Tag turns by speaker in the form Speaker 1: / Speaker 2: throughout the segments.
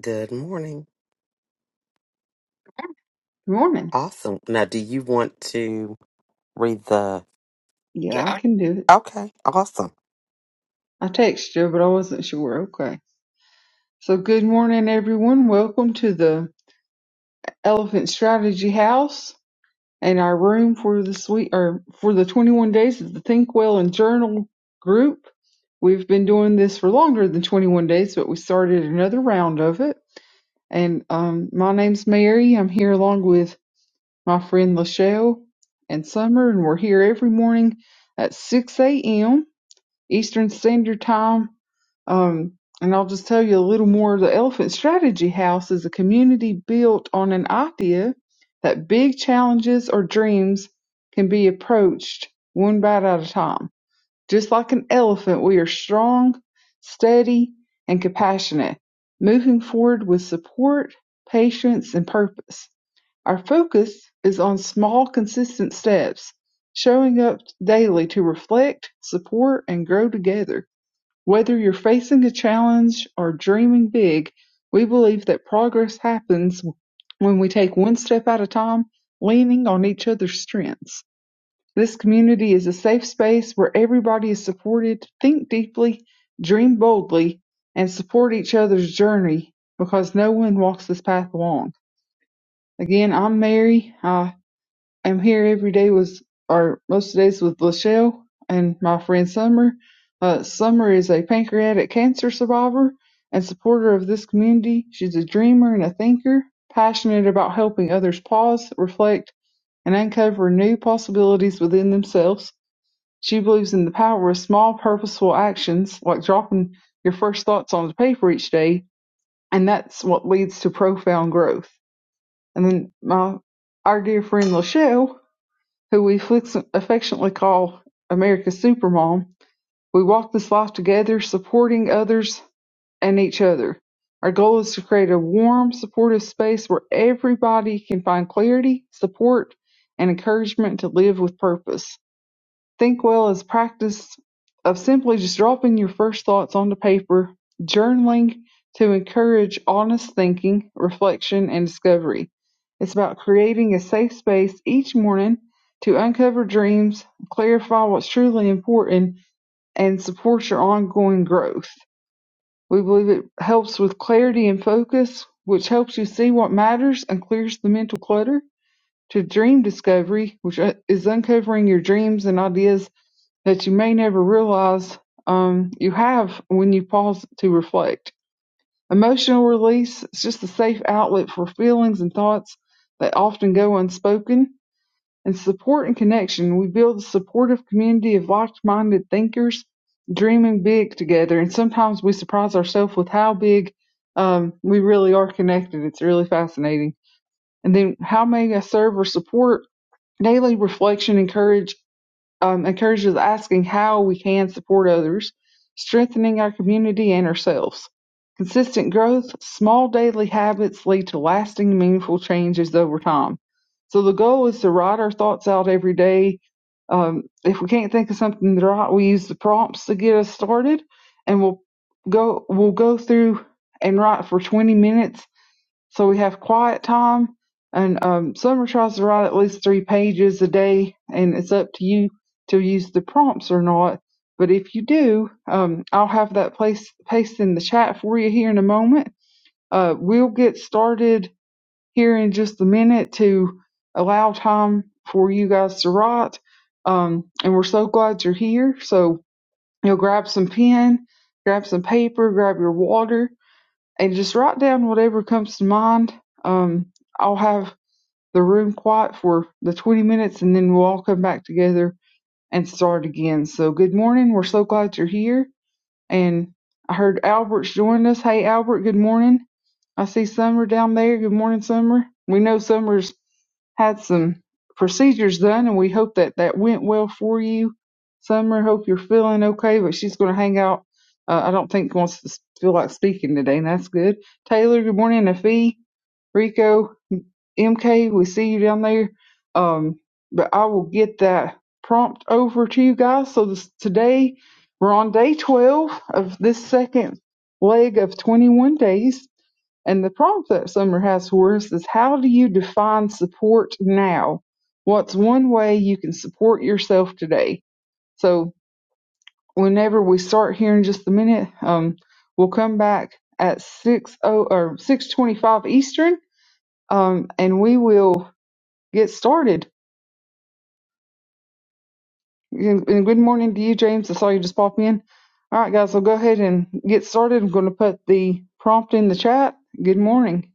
Speaker 1: Good morning.
Speaker 2: Morning.
Speaker 1: Awesome. Now, do you want to read the.
Speaker 2: Yeah, I can do it.
Speaker 1: Okay, awesome.
Speaker 2: I texted you, but I wasn't sure. Okay. So, good morning, everyone. Welcome to the Elephant Strategy House and our room for the sweet or for the 21 days of the Think Well and Journal group. We've been doing this for longer than 21 days, but we started another round of it. And um, my name's Mary. I'm here along with my friend Lachelle and Summer, and we're here every morning at 6 a.m. Eastern Standard Time Um, and I'll just tell you a little more. The Elephant Strategy House is a community built on an idea that big challenges or dreams can be approached one bite at a time. Just like an elephant, we are strong, steady, and compassionate, moving forward with support, patience, and purpose. Our focus is on small, consistent steps, showing up daily to reflect, support, and grow together. Whether you're facing a challenge or dreaming big, we believe that progress happens when we take one step at a time, leaning on each other's strengths. This community is a safe space where everybody is supported to think deeply, dream boldly, and support each other's journey because no one walks this path alone. Again, I'm Mary. I I'm here every day with, or most days with Lachelle and my friend Summer. Uh, Summer is a pancreatic cancer survivor and supporter of this community. She's a dreamer and a thinker, passionate about helping others pause, reflect, and uncover new possibilities within themselves. She believes in the power of small, purposeful actions, like dropping your first thoughts on the paper each day, and that's what leads to profound growth. And then my our dear friend Lachelle who we affectionately call America's Supermom, we walk this life together, supporting others and each other. Our goal is to create a warm, supportive space where everybody can find clarity, support, and encouragement to live with purpose. Think-well is practice of simply just dropping your first thoughts onto paper, journaling to encourage honest thinking, reflection, and discovery. It's about creating a safe space each morning to uncover dreams, clarify what's truly important, and support your ongoing growth. We believe it helps with clarity and focus, which helps you see what matters and clears the mental clutter to dream discovery, which uh, is uncovering your dreams and ideas that you may never realize um, you have when you pause to reflect. Emotional release is just a safe outlet for feelings and thoughts that often go unspoken. And support and connection, we build a supportive community of like-minded thinkers dreaming big together. And sometimes we surprise ourselves with how big um, we really are connected. It's really fascinating. And then, how may I serve or support? Daily reflection encourage, um, encourages asking how we can support others, strengthening our community and ourselves. Consistent growth, small daily habits lead to lasting, meaningful changes over time. So the goal is to write our thoughts out every day. Um, if we can't think of something to write, we use the prompts to get us started, and we'll go we'll go through and write for 20 minutes so we have quiet time and um, summer tries to write at least three pages a day and it's up to you to use the prompts or not but if you do um, i'll have that place paste in the chat for you here in a moment uh, we'll get started here in just a minute to allow time for you guys to write um, and we're so glad you're here so you'll grab some pen grab some paper grab your water and just write down whatever comes to mind. Um, I'll have the room quiet for the 20 minutes and then we'll all come back together and start again. So, good morning. We're so glad you're here. And I heard Albert's joined us. Hey, Albert, good morning. I see Summer down there. Good morning, Summer. We know Summer's had some procedures done, and we hope that that went well for you. Summer, hope you're feeling okay, but she's going to hang out. Uh, I don't think wants to s- feel like speaking today, and that's good. Taylor, good morning. Nafi, Rico, MK, we see you down there. Um, but I will get that prompt over to you guys. So this, today we're on day 12 of this second leg of 21 days. And the prompt that Summer has for us is how do you define support now? What's one way you can support yourself today? So whenever we start here in just a minute, um, we'll come back at 6 oh or 625 Eastern. Um, and we will get started. And, and good morning to you, James. I saw you just pop in. All right, guys, so go ahead and get started. I'm going to put the prompt in the chat. Good morning.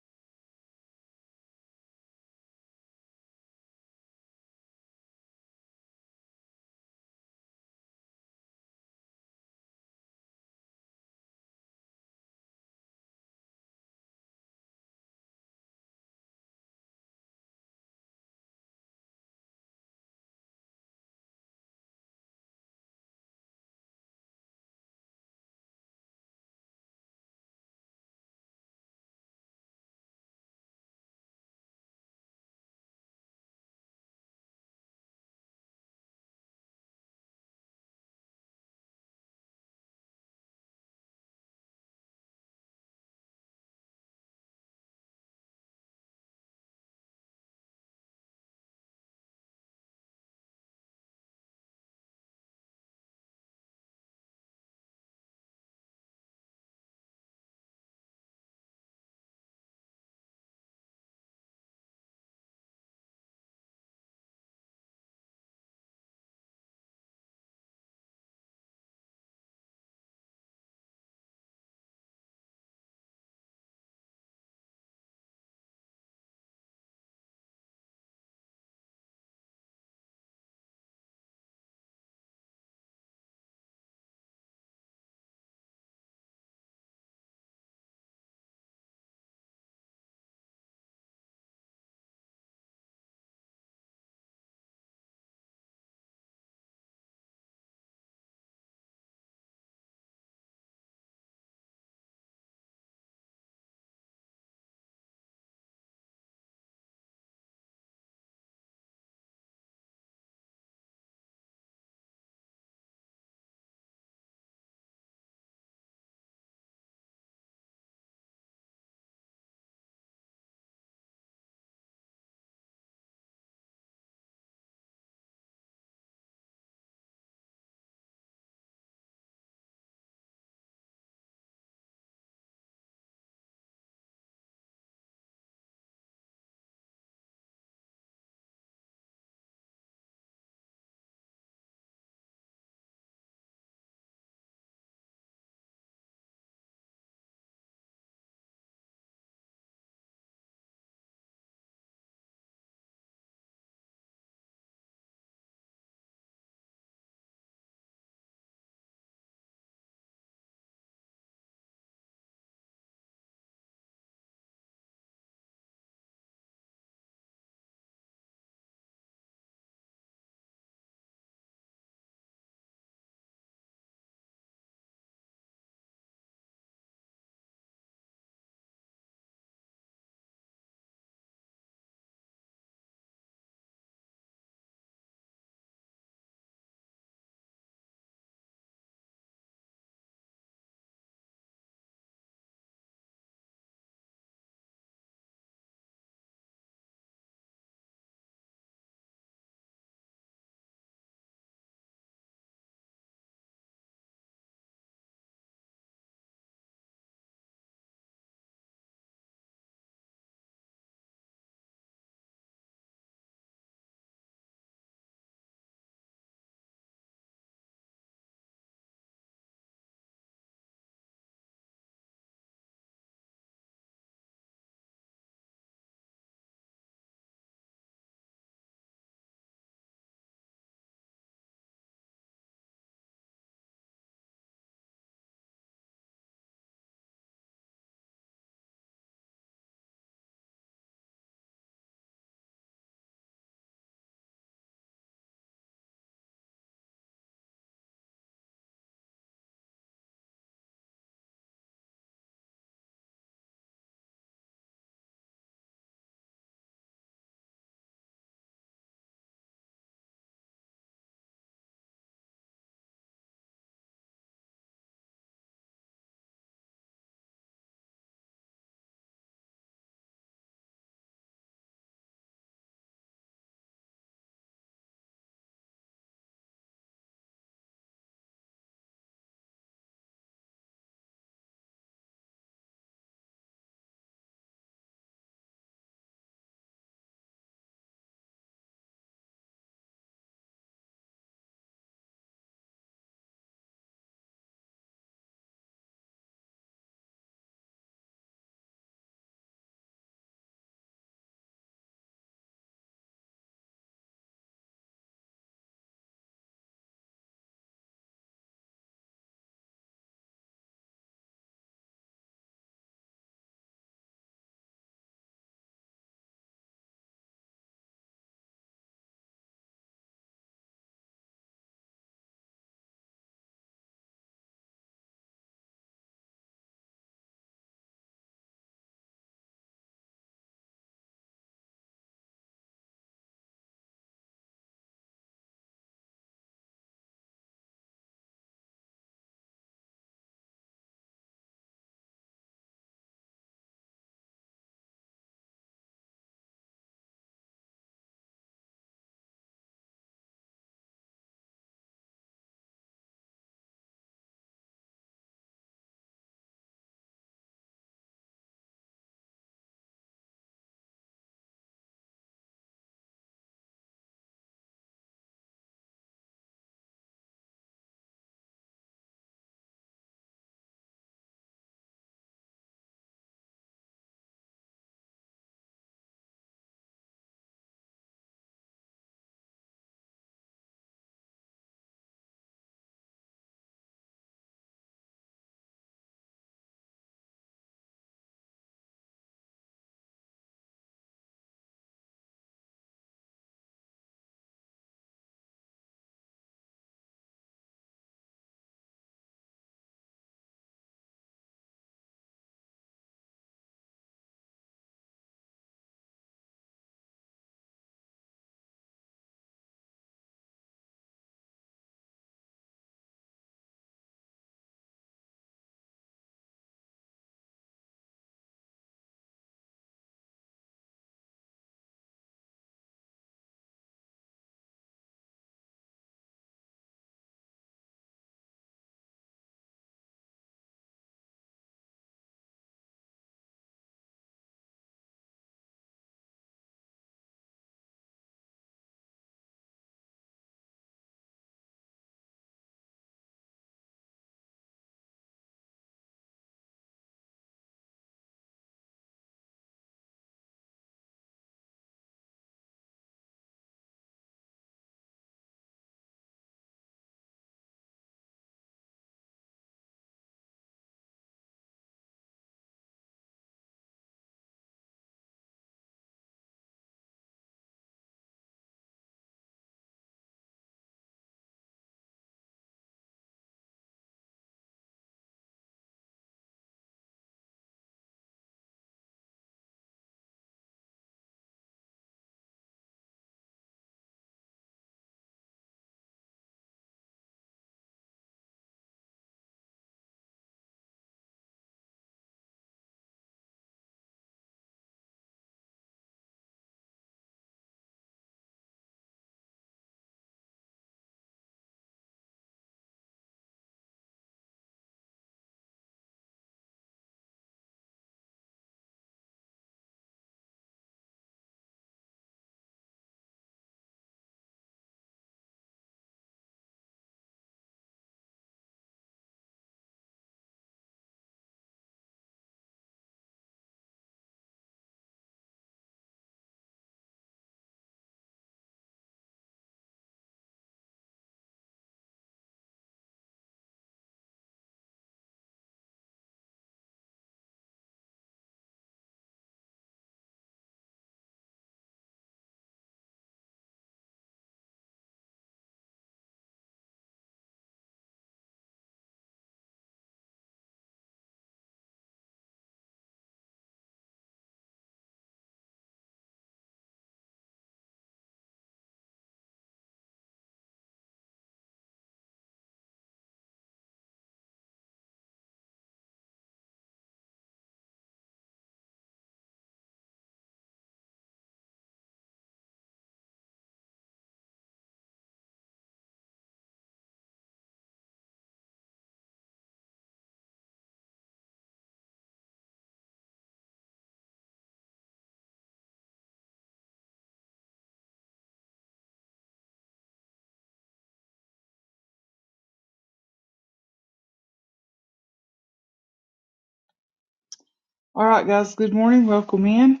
Speaker 2: All right, guys, good morning. Welcome in.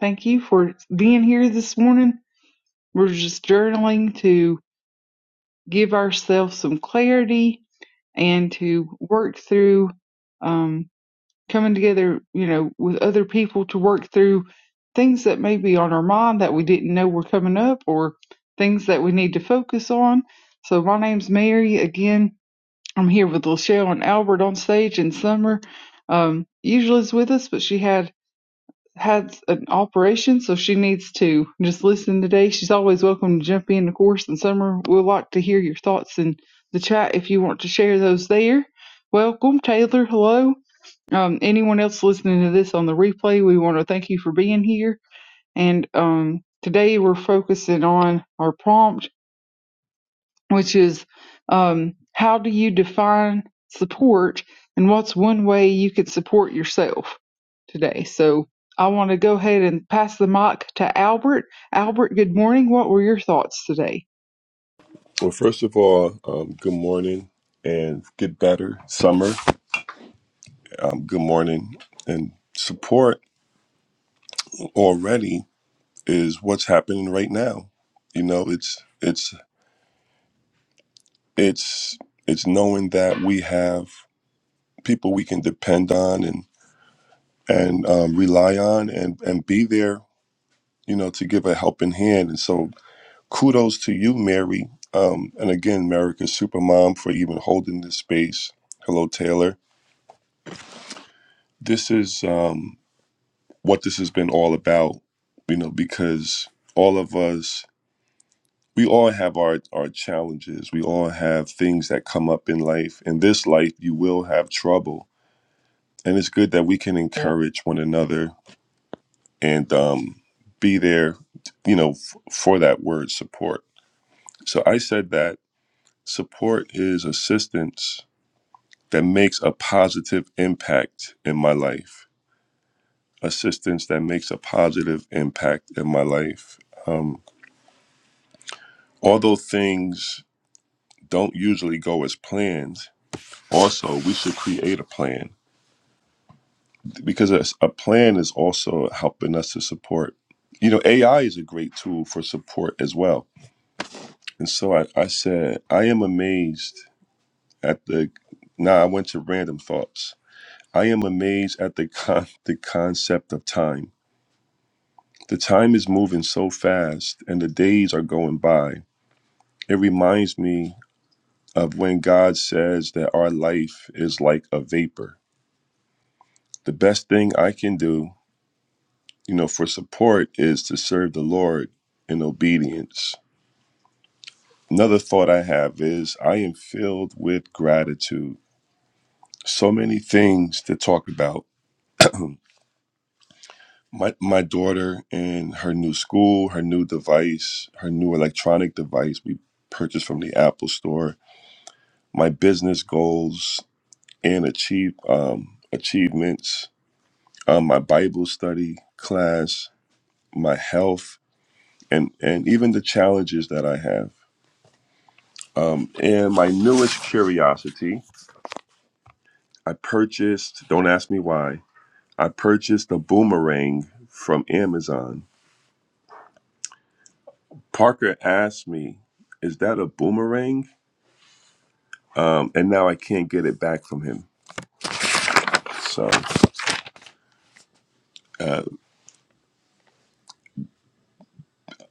Speaker 2: Thank you for being here this morning. We're just journaling to give ourselves some clarity and to work through um, coming together, you know, with other people to work through things that may be on our mind that we didn't know were coming up or things that we need to focus on. So my name's Mary. Again, I'm here with Lachelle and Albert on stage and Summer. Um, usually is with us, but she had had an operation, so she needs to just listen today. She's always welcome to jump in, of course. And Summer, we'd like to hear your thoughts in the chat if you want to share those there. Welcome, Taylor. Hello. Um, anyone else listening to this on the replay, we want to thank you for being here. And um, today we're focusing on our prompt, which is um, how do you define support and what's one way you could support yourself today? So I want to go ahead and pass the mic to Albert. Albert, good morning. What were your thoughts today?
Speaker 3: Well, first of all, um, good morning and get better, summer. Um, good morning and support already is what's happening right now. You know, it's it's it's it's knowing that we have people we can depend on and and um, rely on and and be there. You know, to give a helping hand. And so, kudos to you, Mary. Um, and again, America's Supermom for even holding this space. Hello, Taylor. This is. Um, what this has been all about, you know, because all of us, we all have our, our challenges. We all have things that come up in life. In this life, you will have trouble. And it's good that we can encourage one another and um, be there, you know, f- for that word support. So I said that support is assistance that makes a positive impact in my life. Assistance that makes a positive impact in my life. Um, Although things don't usually go as planned, also we should create a plan because a, a plan is also helping us to support. You know, AI is a great tool for support as well. And so I, I said, I am amazed at the. Now I went to random thoughts. I am amazed at the con- the concept of time. The time is moving so fast, and the days are going by. It reminds me of when God says that our life is like a vapor. The best thing I can do, you know, for support is to serve the Lord in obedience. Another thought I have is I am filled with gratitude. So many things to talk about. My, my daughter and her new school, her new device, her new electronic device we purchased from the Apple Store, my business goals and achieve um, achievements, um, my Bible study class, my health, and and even the challenges that I have. Um, and my newest curiosity, I purchased. Don't ask me why. I purchased a boomerang from Amazon. Parker asked me, "Is that a boomerang?" Um, and now I can't get it back from him. So uh,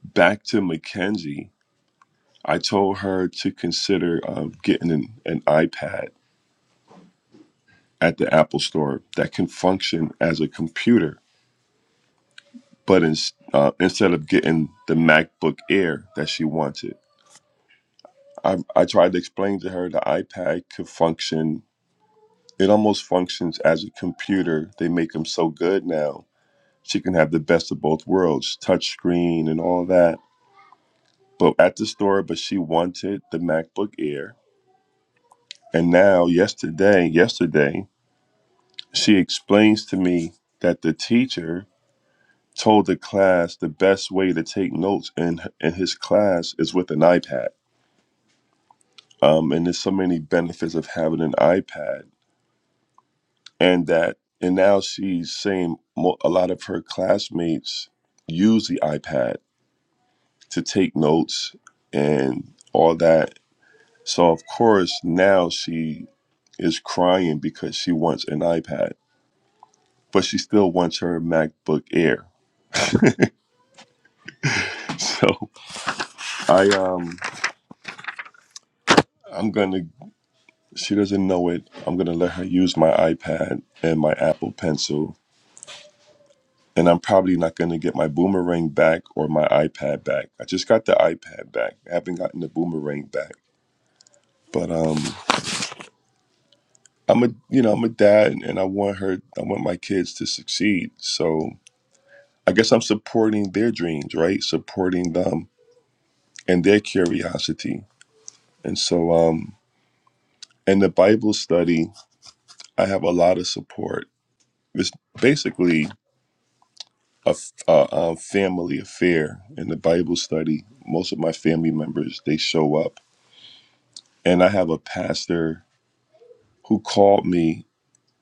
Speaker 3: back to Mackenzie. I told her to consider um, getting an, an iPad at the Apple Store that can function as a computer but in, uh, instead of getting the MacBook Air that she wanted, I, I tried to explain to her the iPad could function. It almost functions as a computer. They make them so good now. She can have the best of both worlds, touch screen and all that. But at the store, but she wanted the MacBook Air. And now, yesterday, yesterday, she explains to me that the teacher told the class the best way to take notes in, in his class is with an iPad um, and there's so many benefits of having an iPad, and that, and now she's saying mo- a lot of her classmates use the iPad to take notes and all that. So of course now she is crying because she wants an iPad, but she still wants her MacBook Air. So I um I'm gonna. She doesn't know it. I'm gonna let her use my iPad and my Apple Pencil and I'm probably not going to get my boomerang back or my iPad back. I just got the iPad back. I haven't gotten the boomerang back. But um, I'm a you know I'm a dad, and I want her. I want my kids to succeed. So I guess I'm supporting their dreams, right? Supporting them and their curiosity. And so um, in the Bible study, I have a lot of support. It's basically a, f- a a family affair. In the Bible study, most of my family members they show up and I have a pastor who called me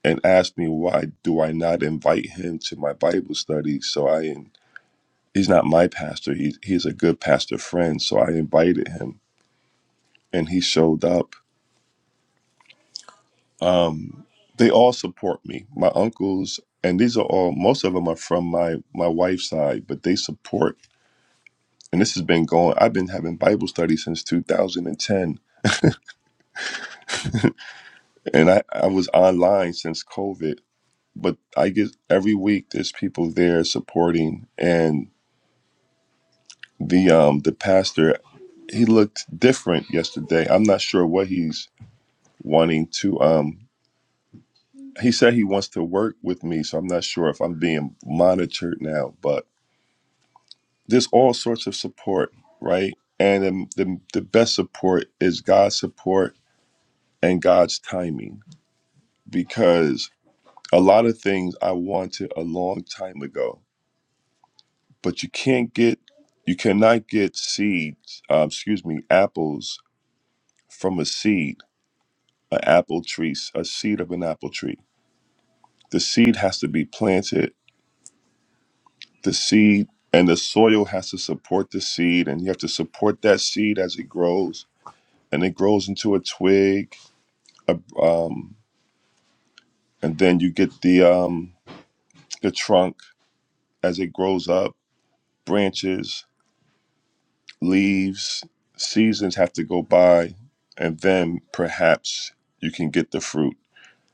Speaker 3: and asked me why do I not invite him to my Bible study. So I he's not my pastor. He he's a good pastor friend. So I invited him, and he showed up. Um, they all support me. My uncles and these are all most of them are from my my wife's side, but they support. And this has been going. I've been having Bible study since 2010, and I I was online since COVID but I get every week there's people there supporting and the um the pastor he looked different yesterday. I'm not sure what he's wanting to um he said he wants to work with me, so I'm not sure if I'm being monitored now, but there's all sorts of support, right? And um, the the best support is God's support and God's timing because a lot of things I wanted a long time ago but you can't get you cannot get seeds uh, excuse me apples from a seed an apple tree a seed of an apple tree the seed has to be planted the seed and the soil has to support the seed and you have to support that seed as it grows and it grows into a twig a, um, and then you get the um, the trunk as it grows up branches leaves, seasons have to go by, and then perhaps you can get the fruit.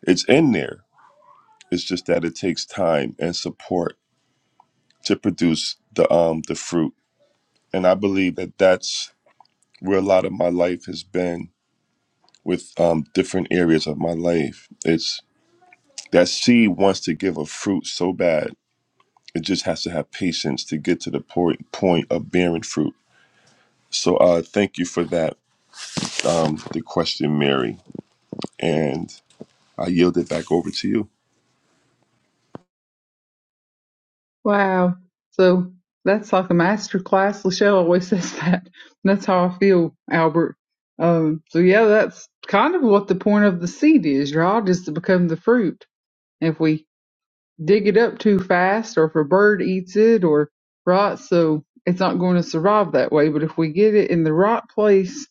Speaker 3: It's in there. It's just that it takes time and support to produce the um the fruit. And I believe that that's where a lot of my life has been with um different areas of my life. It's that seed wants to give a fruit so bad. It just has to have patience to get to the point point of bearing fruit. So uh, thank you for that, um, the question, Mary. And I yield it back over to you.
Speaker 2: Wow. So that's like a master class. Lachelle always says that. That's how I feel, Albert. Um, so yeah, that's kind of what the point of the seed is, right? Is to become the fruit. If we dig it up too fast or if a bird eats it or right, so it's not going to survive that way. But if we get it in the right place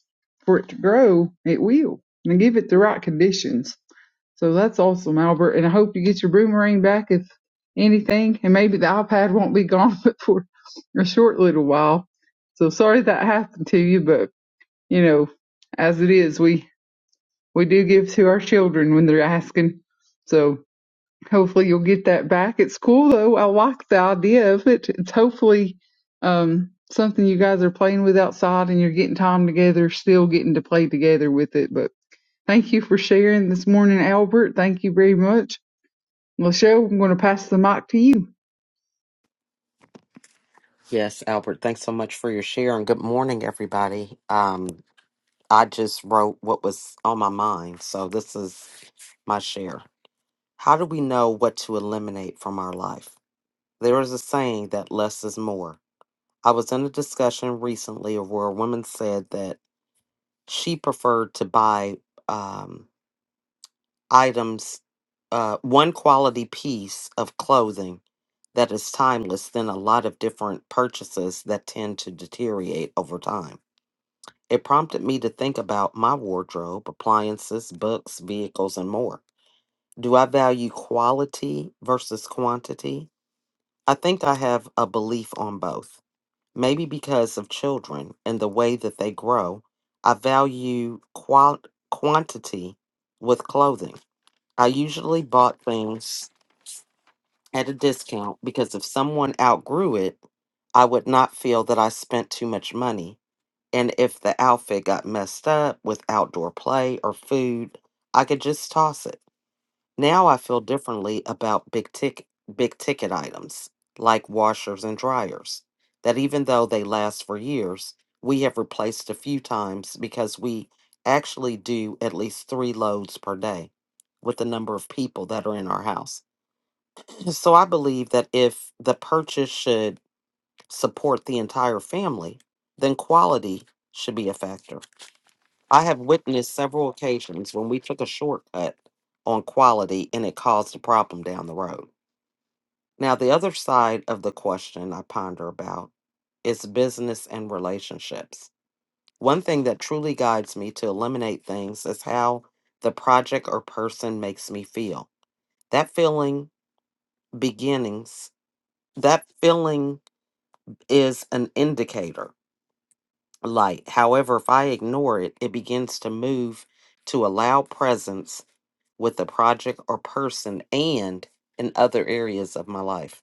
Speaker 2: for it to grow, it will. And give it the right conditions. So that's awesome, Albert. And I hope you get your boomerang back if anything. And maybe the iPad won't be gone but for a short little while. So sorry that happened to you, but you know, as it is, we we do give to our children when they're asking. So hopefully you'll get that back. It's cool though. I like the idea of it. It's hopefully um something you guys are playing with outside and you're getting time together, still getting to play together with it. But thank you for sharing this morning, Albert. Thank you very much. Lachelle, I'm going to pass the mic to you.
Speaker 1: Yes, Albert, thanks so much for your share and good morning, everybody. Um, I just wrote what was on my mind, so this is my share. How do we know what to eliminate from our life? There is a saying that less is more. I was in a discussion recently where a woman said that she preferred to buy. Um, items, uh, one quality piece of clothing that is timeless than a lot of different purchases that tend to deteriorate over time. It prompted me to think about my wardrobe, appliances, books, vehicles, and more. Do I value quality versus quantity? I think I have a belief on both. Maybe because of children and the way that they grow, I value qual- quantity with clothing I usually bought things at a discount because if someone outgrew it, I would not feel that I spent too much money. And if the outfit got messed up with outdoor play or food, I could just toss it. Now I feel differently about big tick big ticket items like washers and dryers that even though they last for years, we have replaced a few times because we actually do at least 3 loads per day with the number of people that are in our house. So I believe that if the purchase should support the entire family, then quality should be a factor. I have witnessed several occasions when we took a shortcut on quality and it caused a problem down the road. Now, the other side of the question I ponder about is business and relationships. One thing that truly guides me to eliminate things is how the project or person makes me feel. That feeling beginnings, that feeling is an indicator light. However, if I ignore it, it begins to move to allow presence with the project or person and in other areas of my life.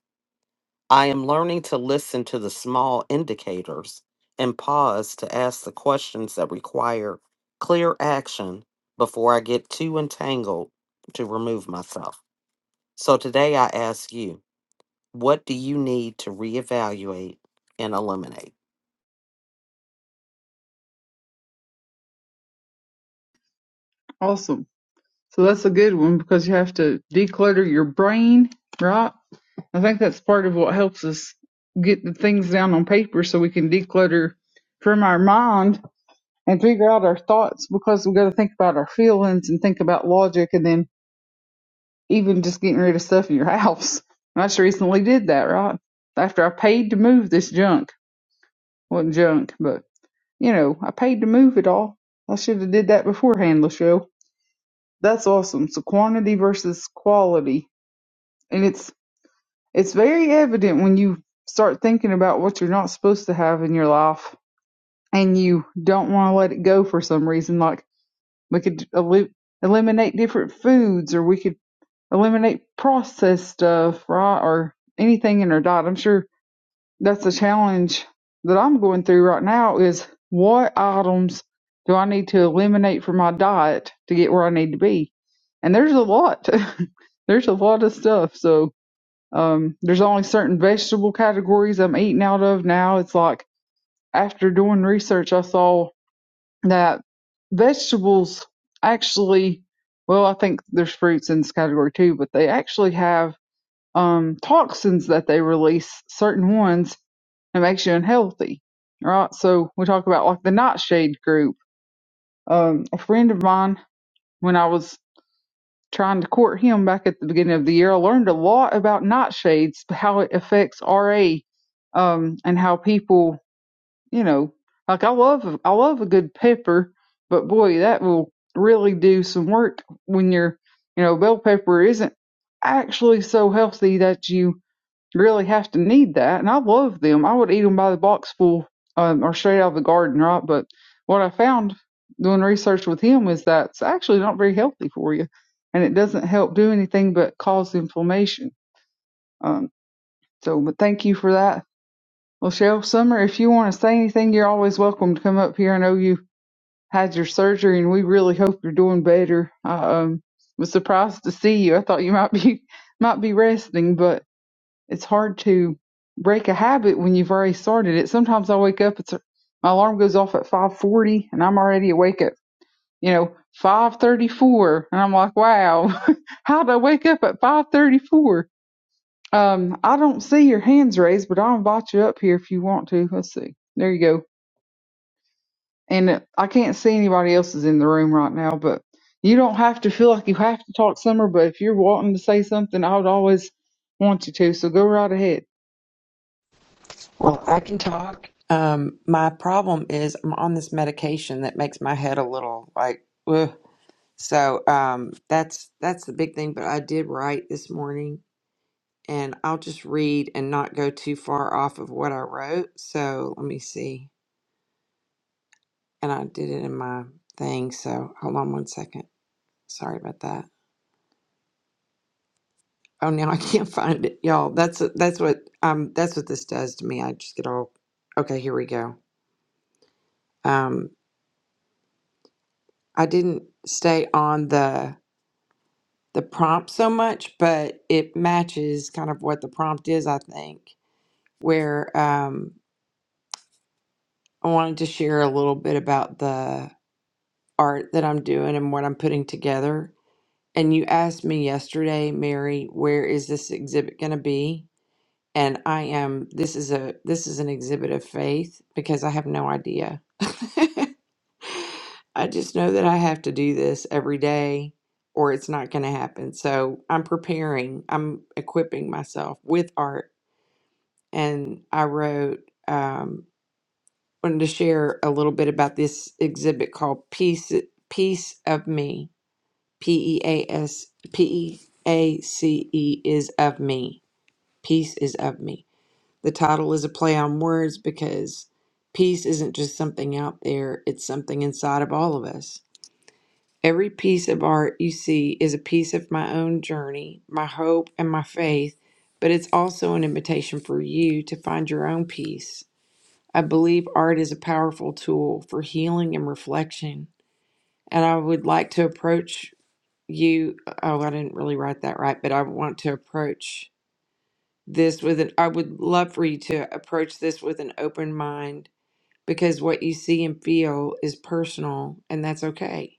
Speaker 1: I am learning to listen to the small indicators and pause to ask the questions that require clear action before I get too entangled to remove myself. So today I ask you, what do you need to reevaluate and eliminate?
Speaker 2: Awesome. So that's a good one because you have to declutter your brain, right? I think that's part of what helps us get the things down on paper so we can declutter from our mind and figure out our thoughts because we got to think about our feelings and think about logic and then even just getting rid of stuff in your house. I just recently did that, right? After I paid to move this junk. Wasn't junk, but you know, I paid to move it all. I should have did that beforehand, Lachelle. That's awesome. So quantity versus quality. And it's it's very evident when you start thinking about what you're not supposed to have in your life and you don't want to let it go for some reason like we could el- eliminate different foods or we could eliminate processed stuff, right? Or anything in our diet. I'm sure that's the challenge that I'm going through right now is what items do I need to eliminate from my diet to get where I need to be? And there's a lot. there's a lot of stuff. So um, there's only certain vegetable categories I'm eating out of now. It's like after doing research, I saw that vegetables actually, well, I think there's fruits in this category too, but they actually have um, toxins that they release, certain ones, it makes you unhealthy, right? So we talk about like the nightshade group. Um, a friend of mine, when I was trying to court him back at the beginning of the year, I learned a lot about nightshades, how it affects RA, um, and how people, you know, like I love I love a good pepper, but boy, that will really do some work when you're, you know, bell pepper isn't actually so healthy that you really have to need that. And I love them. I would eat them by the box full um, or straight out of the garden, right? But what I found doing research with him is that it's actually not very healthy for you. And it doesn't help do anything but cause inflammation. Um, so, but thank you for that. Well, Shel Summer, if you want to say anything, you're always welcome to come up here. I know you had your surgery and we really hope you're doing better. I um, was surprised to see you. I thought you might be might be resting, but it's hard to break a habit when you've already started it. Sometimes I wake up, it's a, my alarm goes off at 5:40, and I'm already awake at you know 5:34, and I'm like, wow, how did I wake up at 5:34? Um, I don't see your hands raised, but I'll invite you up here if you want to. Let's see. There you go. And uh, I can't see anybody else is in the room right now, but you don't have to feel like you have to talk, Summer. But if you're wanting to say something, I would always want you to. So go right ahead.
Speaker 4: Well, I can talk. Um, my problem is I'm on this medication that makes my head a little like, ugh. so um, that's that's the big thing. But I did write this morning, and I'll just read and not go too far off of what I wrote. So let me see. And I did it in my thing. So hold on one second. Sorry about that. Oh, now I can't find it, y'all. That's that's what um that's what this does to me. I just get all okay. Here we go. Um, I didn't stay on the the prompt so much, but it matches kind of what the prompt is, I think. Where um, I wanted to share a little bit about the art that I'm doing and what I'm putting together. And you asked me yesterday, Mary, where is this exhibit going to be? And I am. This is a this is an exhibit of faith because I have no idea. I just know that I have to do this every day or it's not going to happen. So I'm preparing. I'm equipping myself with art and I wrote um, wanted to share a little bit about this exhibit called "Piece Piece of Me." P E A S P E A C E is of me. Peace is of me. The title is a play on words because peace isn't just something out there; it's something inside of all of us. Every piece of art you see is a piece of my own journey, my hope, and my faith, but it's also an invitation for you to find your own peace. I believe art is a powerful tool for healing and reflection. And I would like to approach you. uh, Oh, I didn't really write that right, but I want to approach this with an, I would love for you to approach this with an open mind because what you see and feel is personal, and that's okay.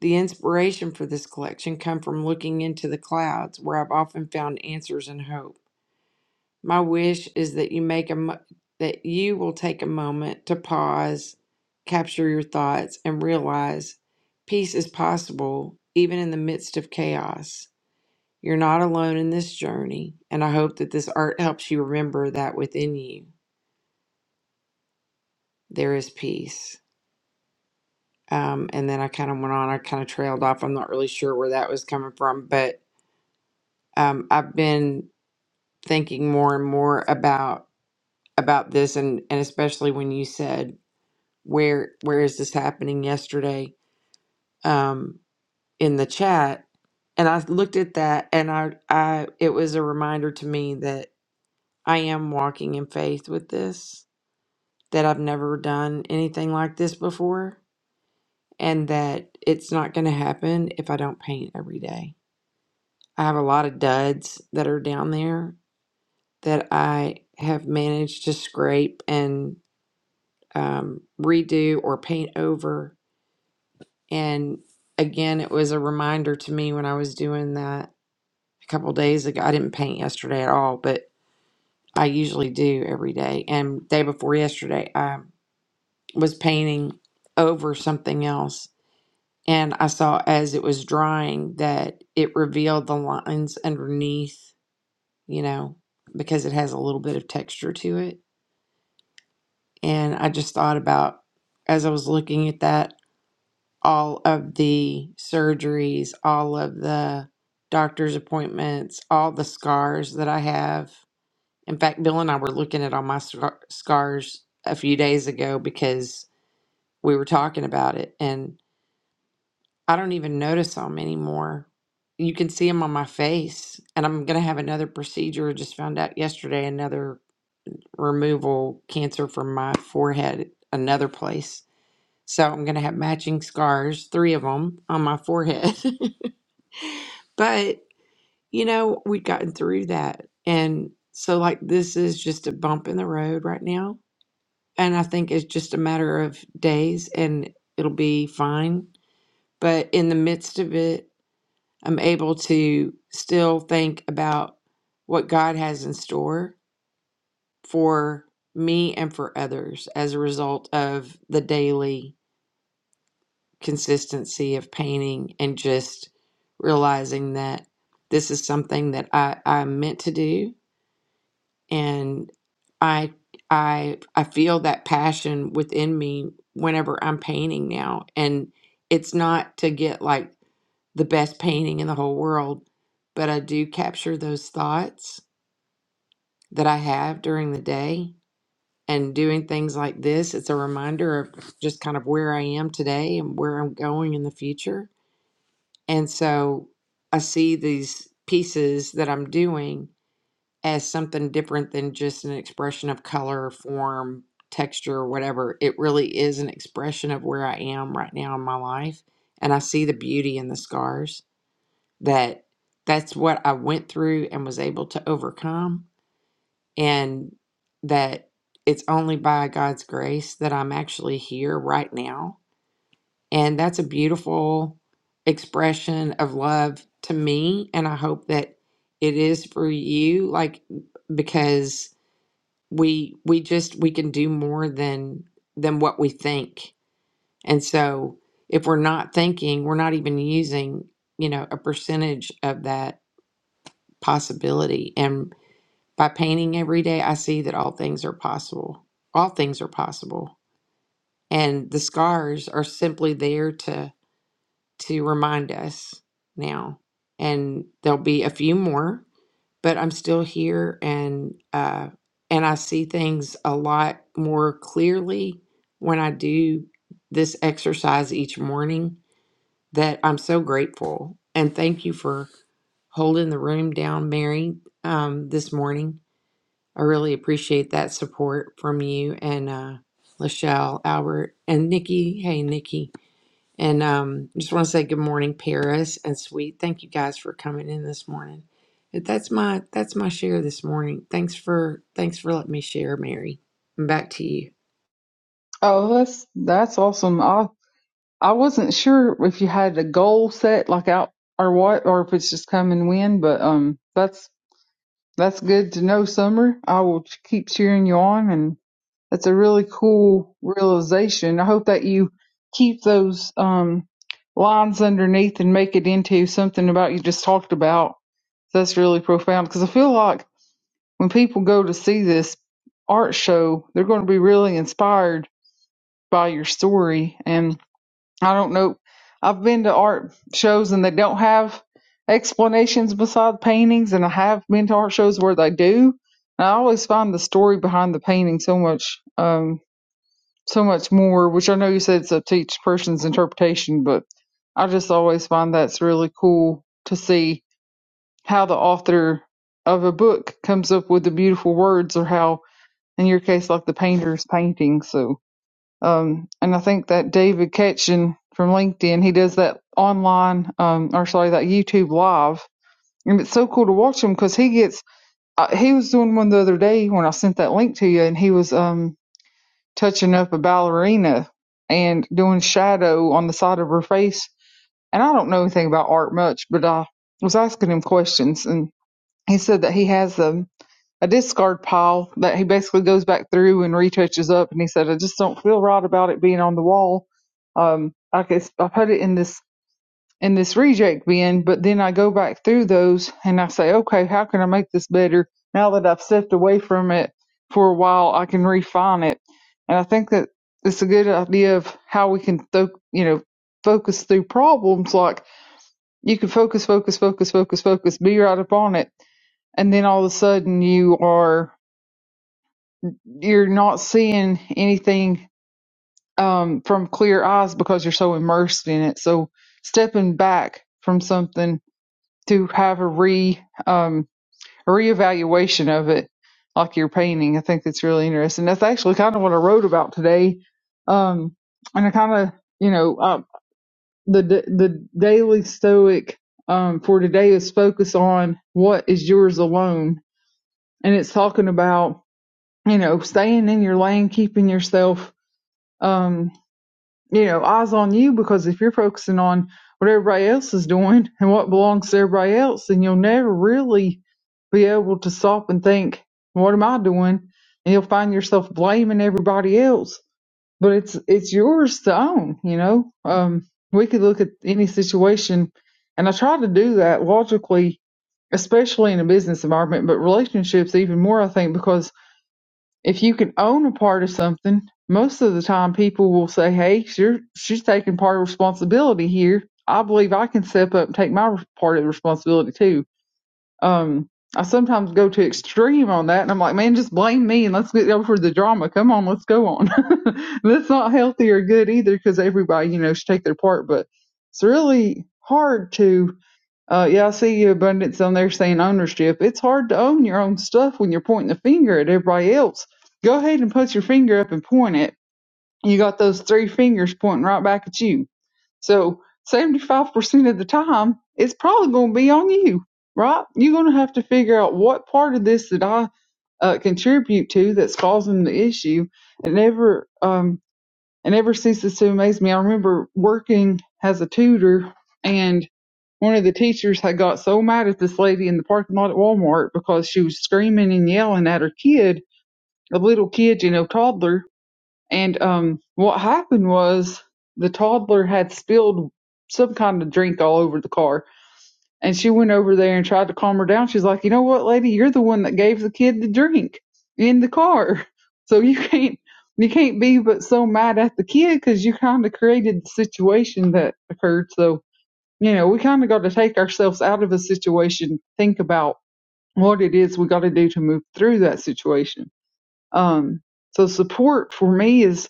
Speaker 4: The inspiration for this collection come from looking into the clouds, where I've often found answers and hope. My wish is that you make a mo- that you will take a moment to pause, capture your thoughts and realize peace is possible even in the midst of chaos. You're not alone in this journey, and I hope that this art helps you remember that within you there is peace. Um, and then I kind of went on, I kind of trailed off. I'm not really sure where that was coming from, but um, I've been thinking more and more about about this, and and especially when you said where where is this happening yesterday um in the chat and i looked at that and i i it was a reminder to me that i am walking in faith with this that i've never done anything like this before and that it's not going to happen if i don't paint every day i have a lot of duds that are down there that i have managed to scrape and um, redo or paint over And again, it was a reminder to me when I was doing that a couple days ago. I didn't paint yesterday at all, but I usually do every day. And day before yesterday, I was painting over something else. And I saw as it was drying that it revealed the lines underneath, you know, because it has a little bit of texture to it. And I just thought about as I was looking at that all of the surgeries, all of the doctor's appointments, all the scars that I have. In fact, Bill and I were looking at all my scar- scars a few days ago because we were talking about it, and I don't even notice them anymore. You can see them on my face, and I'm going to have another procedure. I Just found out yesterday another removal cancer from my forehead, another place. So I'm going to have matching scars, three of them on my forehead. But, you know, we'd gotten through that. And so, like, this is just a bump in the road right now. And I think it's just a matter of days and it'll be fine. But in the midst of it, I'm able to still think about what God has in store for me and for others as a result of the daily consistency of painting and just realizing that this is something that I, I'm meant to do and I I I feel that passion within me whenever I'm painting now. And it's not to get like the best painting in the whole world, but I do capture those thoughts that I have during the day. And doing things like this, it's a reminder of just kind of where I am today and where I'm going in the future And so I see these pieces that I'm doing as something different than just an expression of color, form, texture, whatever. It really is an expression of where I am right now in my life. And I see the beauty in the scars that that's what I went through and was able to overcome. And that it's only by God's grace that I'm actually here right now and that's a beautiful expression of love to me. And I hope that it is for you, like because we we just we can do more than than what we think. And so if we're not thinking, we're not even using, you know, a percentage of that possibility. And by painting every day, I see that all things are possible. All things are possible. And the scars are simply there to to remind us now. And there'll be a few more, but I'm still here and uh and I see things a lot more clearly when I do this exercise each morning that I'm so grateful. And thank you for holding the room down, Mary, um, this morning. I really appreciate that support from you and uh Lachelle, Albert, and Nikki. Hey, Nikki. And um, just want to say good morning, Paris and Sweet. Thank you guys for coming in this morning. But That's my that's my share this morning. Thanks for thanks for letting me share, Mary. And back to you.
Speaker 2: Oh, that's that's awesome. I I wasn't sure if you had a goal set like out or what, or if it's just come and win. But um, that's that's good to know, Summer. I will ch- keep cheering you on, and that's a really cool realization. I hope that you keep those um lines underneath and make it into something about you just talked about. That's really profound because I feel like when people go to see this art show, they're going to be really inspired by your story and I don't know. I've been to art shows and they don't have explanations beside paintings, and I have been to art shows where they do. And I always find the story behind the painting so much, um, so much more. Which I know you said it's up to each person's interpretation, but I just always find that's really cool to see how the author of a book comes up with the beautiful words, or how, in your case, like the painter's painting. So um, and I think that David Ketchin from LinkedIn, he does that online, um, or sorry, that YouTube live. And it's so cool to watch him because he gets, uh, he was doing one the other day when I sent that link to you and he was, um, touching up a ballerina and doing shadow on the side of her face. And I don't know anything about art much, but I was asking him questions and he said that he has them a discard pile that he basically goes back through and retouches up. And he said, I just don't feel right about it being on the wall. Um, I guess I put it in this in this reject bin, but then I go back through those and I say, okay, how can I make this better? Now that I've stepped away from it for a while, I can refine it. And I think that it's a good idea of how we can, th- you know, focus through problems. Like you can focus, focus, focus, focus, focus, be right up on it and then all of a sudden you are you're not seeing anything um, from clear eyes because you're so immersed in it. So stepping back from something to have a re um, a reevaluation of it, like your painting, I think that's really interesting. That's actually kind of what I wrote about today, um, and I kind of you know uh, the the daily stoic um, for today is focus on what is yours alone, and it's talking about you know staying in your lane, keeping yourself. Um, you know, eyes on you because if you're focusing on what everybody else is doing and what belongs to everybody else, then you'll never really be able to stop and think, what am I doing? And you'll find yourself blaming everybody else, but it's, it's yours to own, you know? Um, we could look at any situation and I try to do that logically, especially in a business environment, but relationships even more, I think, because if you can own a part of something, most of the time people will say, "Hey, she's she's taking part of responsibility here. I believe I can step up and take my part of the responsibility too." Um, I sometimes go to extreme on that, and I'm like, "Man, just blame me and let's get over the drama. Come on, let's go on." That's not healthy or good either, because everybody, you know, should take their part, but it's really hard to uh, yeah, I see your abundance on there saying ownership. It's hard to own your own stuff when you're pointing the finger at everybody else. Go ahead and put your finger up and point it. You got those three fingers pointing right back at you. So 75% of the time, it's probably going to be on you, right? You're going to have to figure out what part of this that I uh, contribute to that's causing the issue and never um, and ever since it's so amazed me, I remember working as a tutor and one of the teachers had got so mad at this lady in the parking lot at Walmart because she was screaming and yelling at her kid, a little kid, you know, toddler. And um, what happened was the toddler had spilled some kind of drink all over the car and she went over there and tried to calm her down. She's like, you know what, lady, you're the one that gave the kid the drink in the car, so you can't you can't be but so mad at the kid because you kind of created the situation that occurred. So you know, we kind of got to take ourselves out of a situation, think about what it is we got to do to move through that situation. Um, so support for me is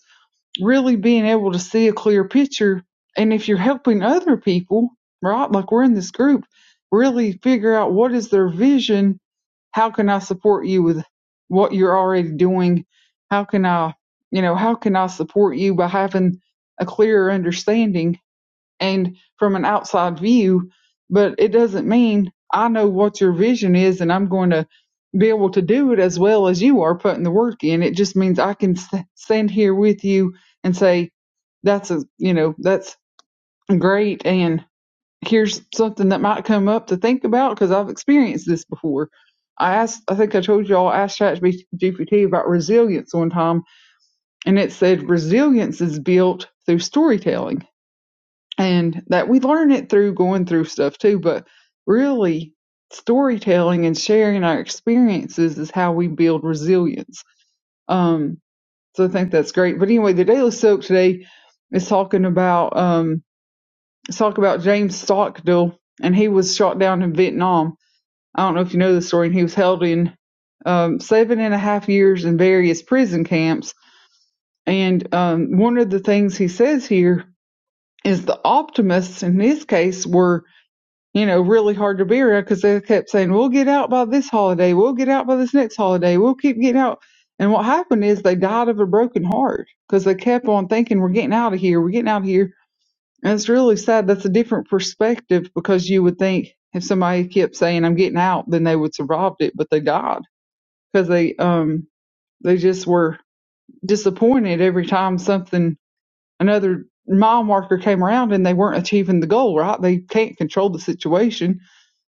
Speaker 2: really being able to see a clear picture. And if you're helping other people, right, like we're in this group, really figure out what is their vision. How can I support you with what you're already doing? How can I, you know, how can I support you by having a clearer understanding and from an outside view, but it doesn't mean I know what your vision is and I'm going to be able to do it as well as you are putting the work in. It just means I can s- stand here with you and say, that's a, you know, that's great. And here's something that might come up to think about because I've experienced this before. I asked, I think I told y'all, I asked ChatGPT about resilience one time and it said resilience is built through storytelling and that we learn it through going through stuff too but really storytelling and sharing our experiences is how we build resilience um so i think that's great but anyway the daily soak today is talking about um it's talking about james stockdale and he was shot down in vietnam i don't know if you know the story and he was held in um seven and a half years in various prison camps and um one of the things he says here is the optimists in this case were you know, really hard to be around because they kept saying, we'll get out by this holiday. We'll get out by this next holiday. We'll keep getting out. And what happened is they died of a broken heart because they kept on thinking, we're getting out of here. We're getting out of here. And it's really sad. That's a different perspective because you would think if somebody kept saying, I'm getting out, then they would survived it, but they died because they, um, they just were disappointed every time something, another mile marker came around and they weren't achieving the goal, right? They can't control the situation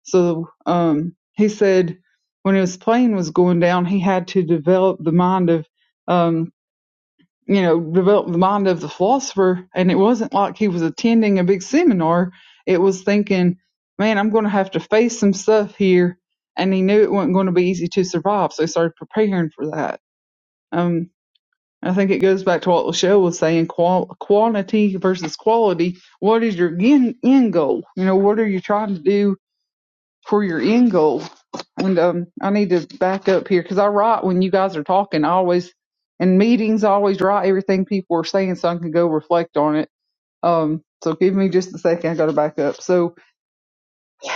Speaker 2: so um, he said when his plane was going down, he had to develop the mind of, um, you know, develop the mind of the philosopher. And it wasn't like he was attending a big seminar. It was thinking, man, I'm going to have to face some stuff here. And he knew it wasn't going to be easy to survive. So he started preparing for that. Um, I think it goes back to what Lachelle was saying, qual- quantity versus quality. What is your end, end goal? You know, what are you trying to do? for your end goal. And um, I need to back up here because I write when you guys are talking. I always in meetings I always write everything people are saying so I can go reflect on it. Um, so give me just a second. I got to back up. So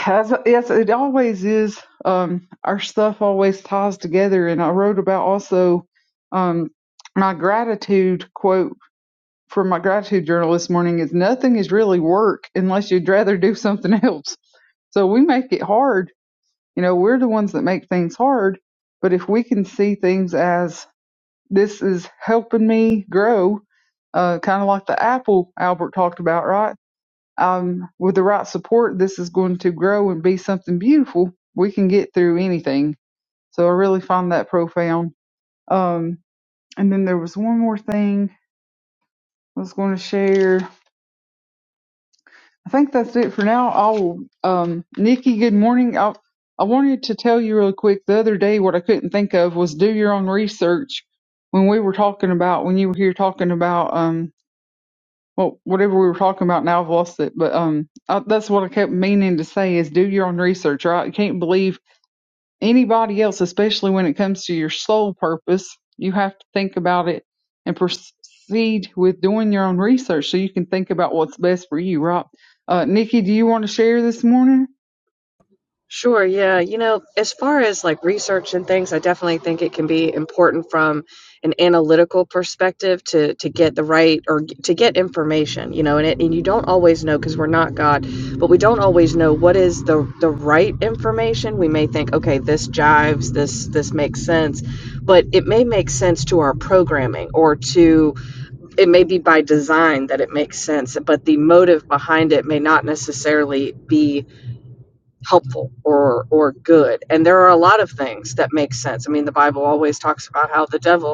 Speaker 2: as yes, it always is. Um, our stuff always ties together. And I wrote about also um, my gratitude quote from my gratitude journal this morning is nothing is really work unless you'd rather do something else. So we make it hard you know, we're the ones that make things hard, but if we can see things as this is helping me grow, uh, kind of like the apple Albert talked about, right? Um, with the right support, this is going to grow and be something beautiful. We can get through anything. So I really find that profound. Um, and then there was one more thing I was going to share. I think that's it for now. Oh, um, Nikki, good morning. I, I wanted to tell you real quick the other day what I couldn't think of was do your own research when we were talking about, when you were here talking about, um, well, whatever we were talking about now, I've lost it. But um, I, that's what I kept meaning to say is do your own research, right? I can't believe anybody else, especially when it comes to your soul purpose, you have to think about it and proceed with doing your own research so you can think about what's best for you, right? Uh, Nikki, do you want to share this morning?
Speaker 5: Sure, yeah. You know, as far as like research and things, I definitely think it can be important from an analytical perspective to to get the right or g- to get information, you know, and it, and you don't always know because we're not God, but we don't always know what is the the right information. We may think, okay, this jives, this this makes sense, but it may make sense to our programming or to it may be by design that it makes sense, but the motive behind it may not necessarily be helpful or or good and there are a lot of things that make sense i mean the bible always talks about how the devil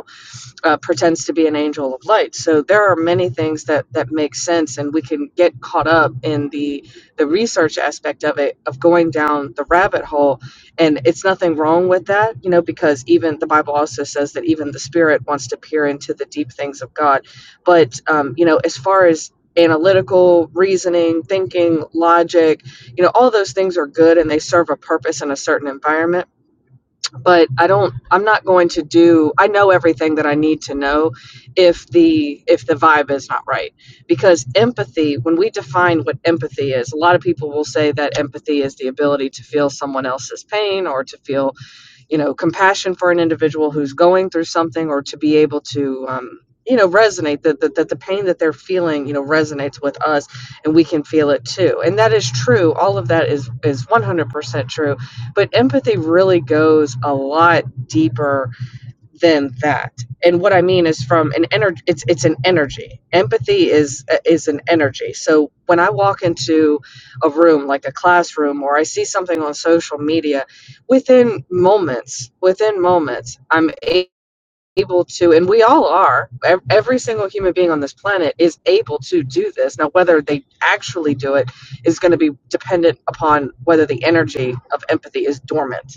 Speaker 5: uh, pretends to be an angel of light. So there are many things that that make sense, and we can get caught up in the the research aspect of it, of going down the rabbit hole. And it's nothing wrong with that, you know, because even the Bible also says that even the spirit wants to peer into the deep things of God. But um, you know, as far as analytical reasoning thinking logic you know all those things are good and they serve a purpose in a certain environment but I don't I'm not going to do I know everything that I need to know if the if the vibe is not right because empathy when we define what empathy is a lot of people will say that empathy is the ability to feel someone else's pain or to feel you know compassion for an individual who's going through something or to be able to um, you know resonate that, that that the pain that they're feeling you know resonates with us and we can feel it too and that is true all of that is is 100% true but empathy really goes a lot deeper than that. And what I mean is from an energy it's it's an energy. Empathy is is an energy. So when I walk into a room like a classroom or I see something on social media within moments, within moments I'm a- able to and we all are ev- every single human being on this planet is able to do this. Now whether they actually do it is going to be dependent upon whether the energy of empathy is dormant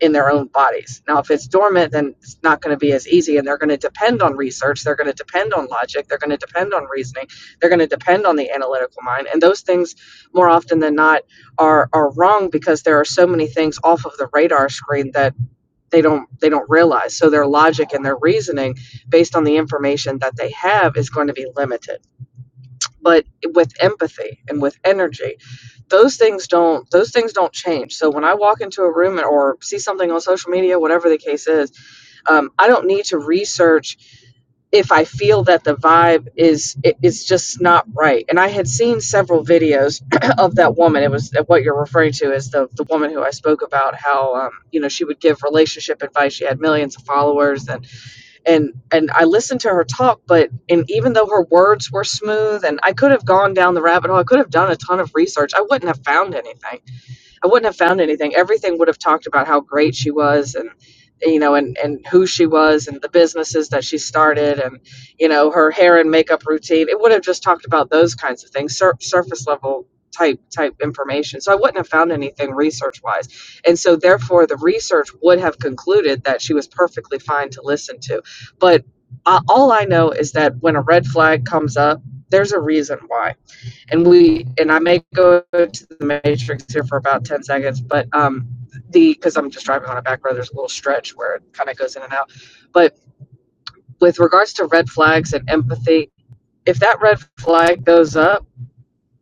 Speaker 5: in their own bodies. Now, if it's dormant, then it's not going to be as easy, and they're going to depend on research, they're going to depend on logic, they're going to depend on reasoning, they're going to depend on the analytical mind, and those things, more often than not, are are wrong because there are so many things off of the radar screen that they don't they don't realize. So their logic and their reasoning, based on the information that they have, is going to be limited. But with empathy and with energy those things don't those things don't change so when i walk into a room and- or see something on social media whatever the case is um, i don't need to research if i feel that the vibe is it, it's just not right and i had seen several videos of that woman it was uh, what you're referring to is the, the woman who i spoke about how um, you know she would give relationship advice she had millions of followers and and and I listened to her talk, but and even though her words were smooth, and I could have gone down the rabbit hole, I could have done a ton of research, I wouldn't have found anything. I wouldn't have found anything. Everything would have talked about how great she was and you know and and who she was and the businesses that she started and you know her hair and makeup routine. It would have just talked about those kinds of things, sur- surface level type type information. So I wouldn't have found anything research wise. And so therefore the research would have concluded that she was perfectly fine to listen to. But uh, all I know is that when a red flag comes up, there's a reason why and we and I may go to the matrix here for about ten seconds, but um the because I'm just driving on a back road, there's a little stretch where it kind of goes in and out. But with regards to red flags and empathy, if that red flag goes up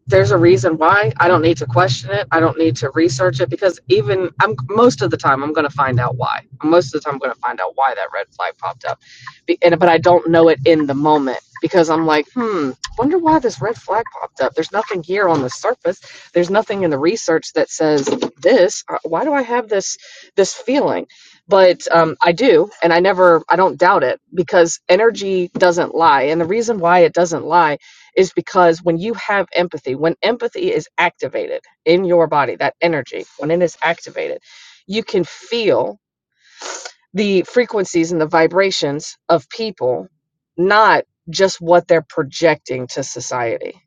Speaker 5: there's a reason why. I don't need to question it. I don't need to research it because even I'm most of the time I'm going to find out why. Most of the time I'm going to find out why that red flag popped up, Be- and but I don't know it in the moment because I'm like, hmm, wonder why this red flag popped up. There's nothing here on the surface. There's nothing in the research that says this. Uh, Why do I have this this feeling? But um, I do, and I never, I don't doubt it because energy doesn't lie, and the reason why it doesn't lie is because when you have empathy, when empathy is activated in your body, that energy, when it is activated, you can feel the frequencies and the vibrations of people, not just what they're projecting to society.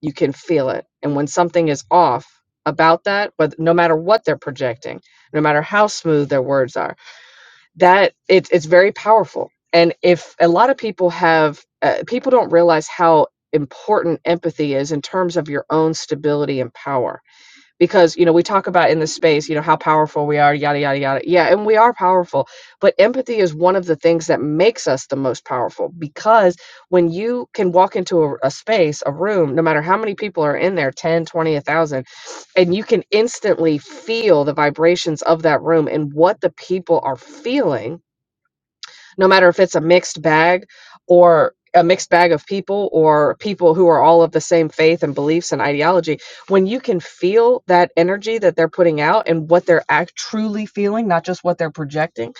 Speaker 5: You can feel it. And when something is off about that, but no matter what they're projecting, no matter how smooth their words are that it's it's very powerful and if a lot of people have uh, people don't realize how important empathy is in terms of your own stability and power because you know we talk about in this space you know how powerful we are yada yada yada yeah and we are powerful but empathy is one of the things that makes us the most powerful because when you can walk into a, a space a room no matter how many people are in there ten, twenty, a thousand and you can instantly feel the vibrations of that room and what the people are feeling no matter if it's a mixed bag or a mixed bag of people or people who are all of the same faith and beliefs and ideology when you can feel that energy that they're putting out and what they're act truly feeling not just what they're projecting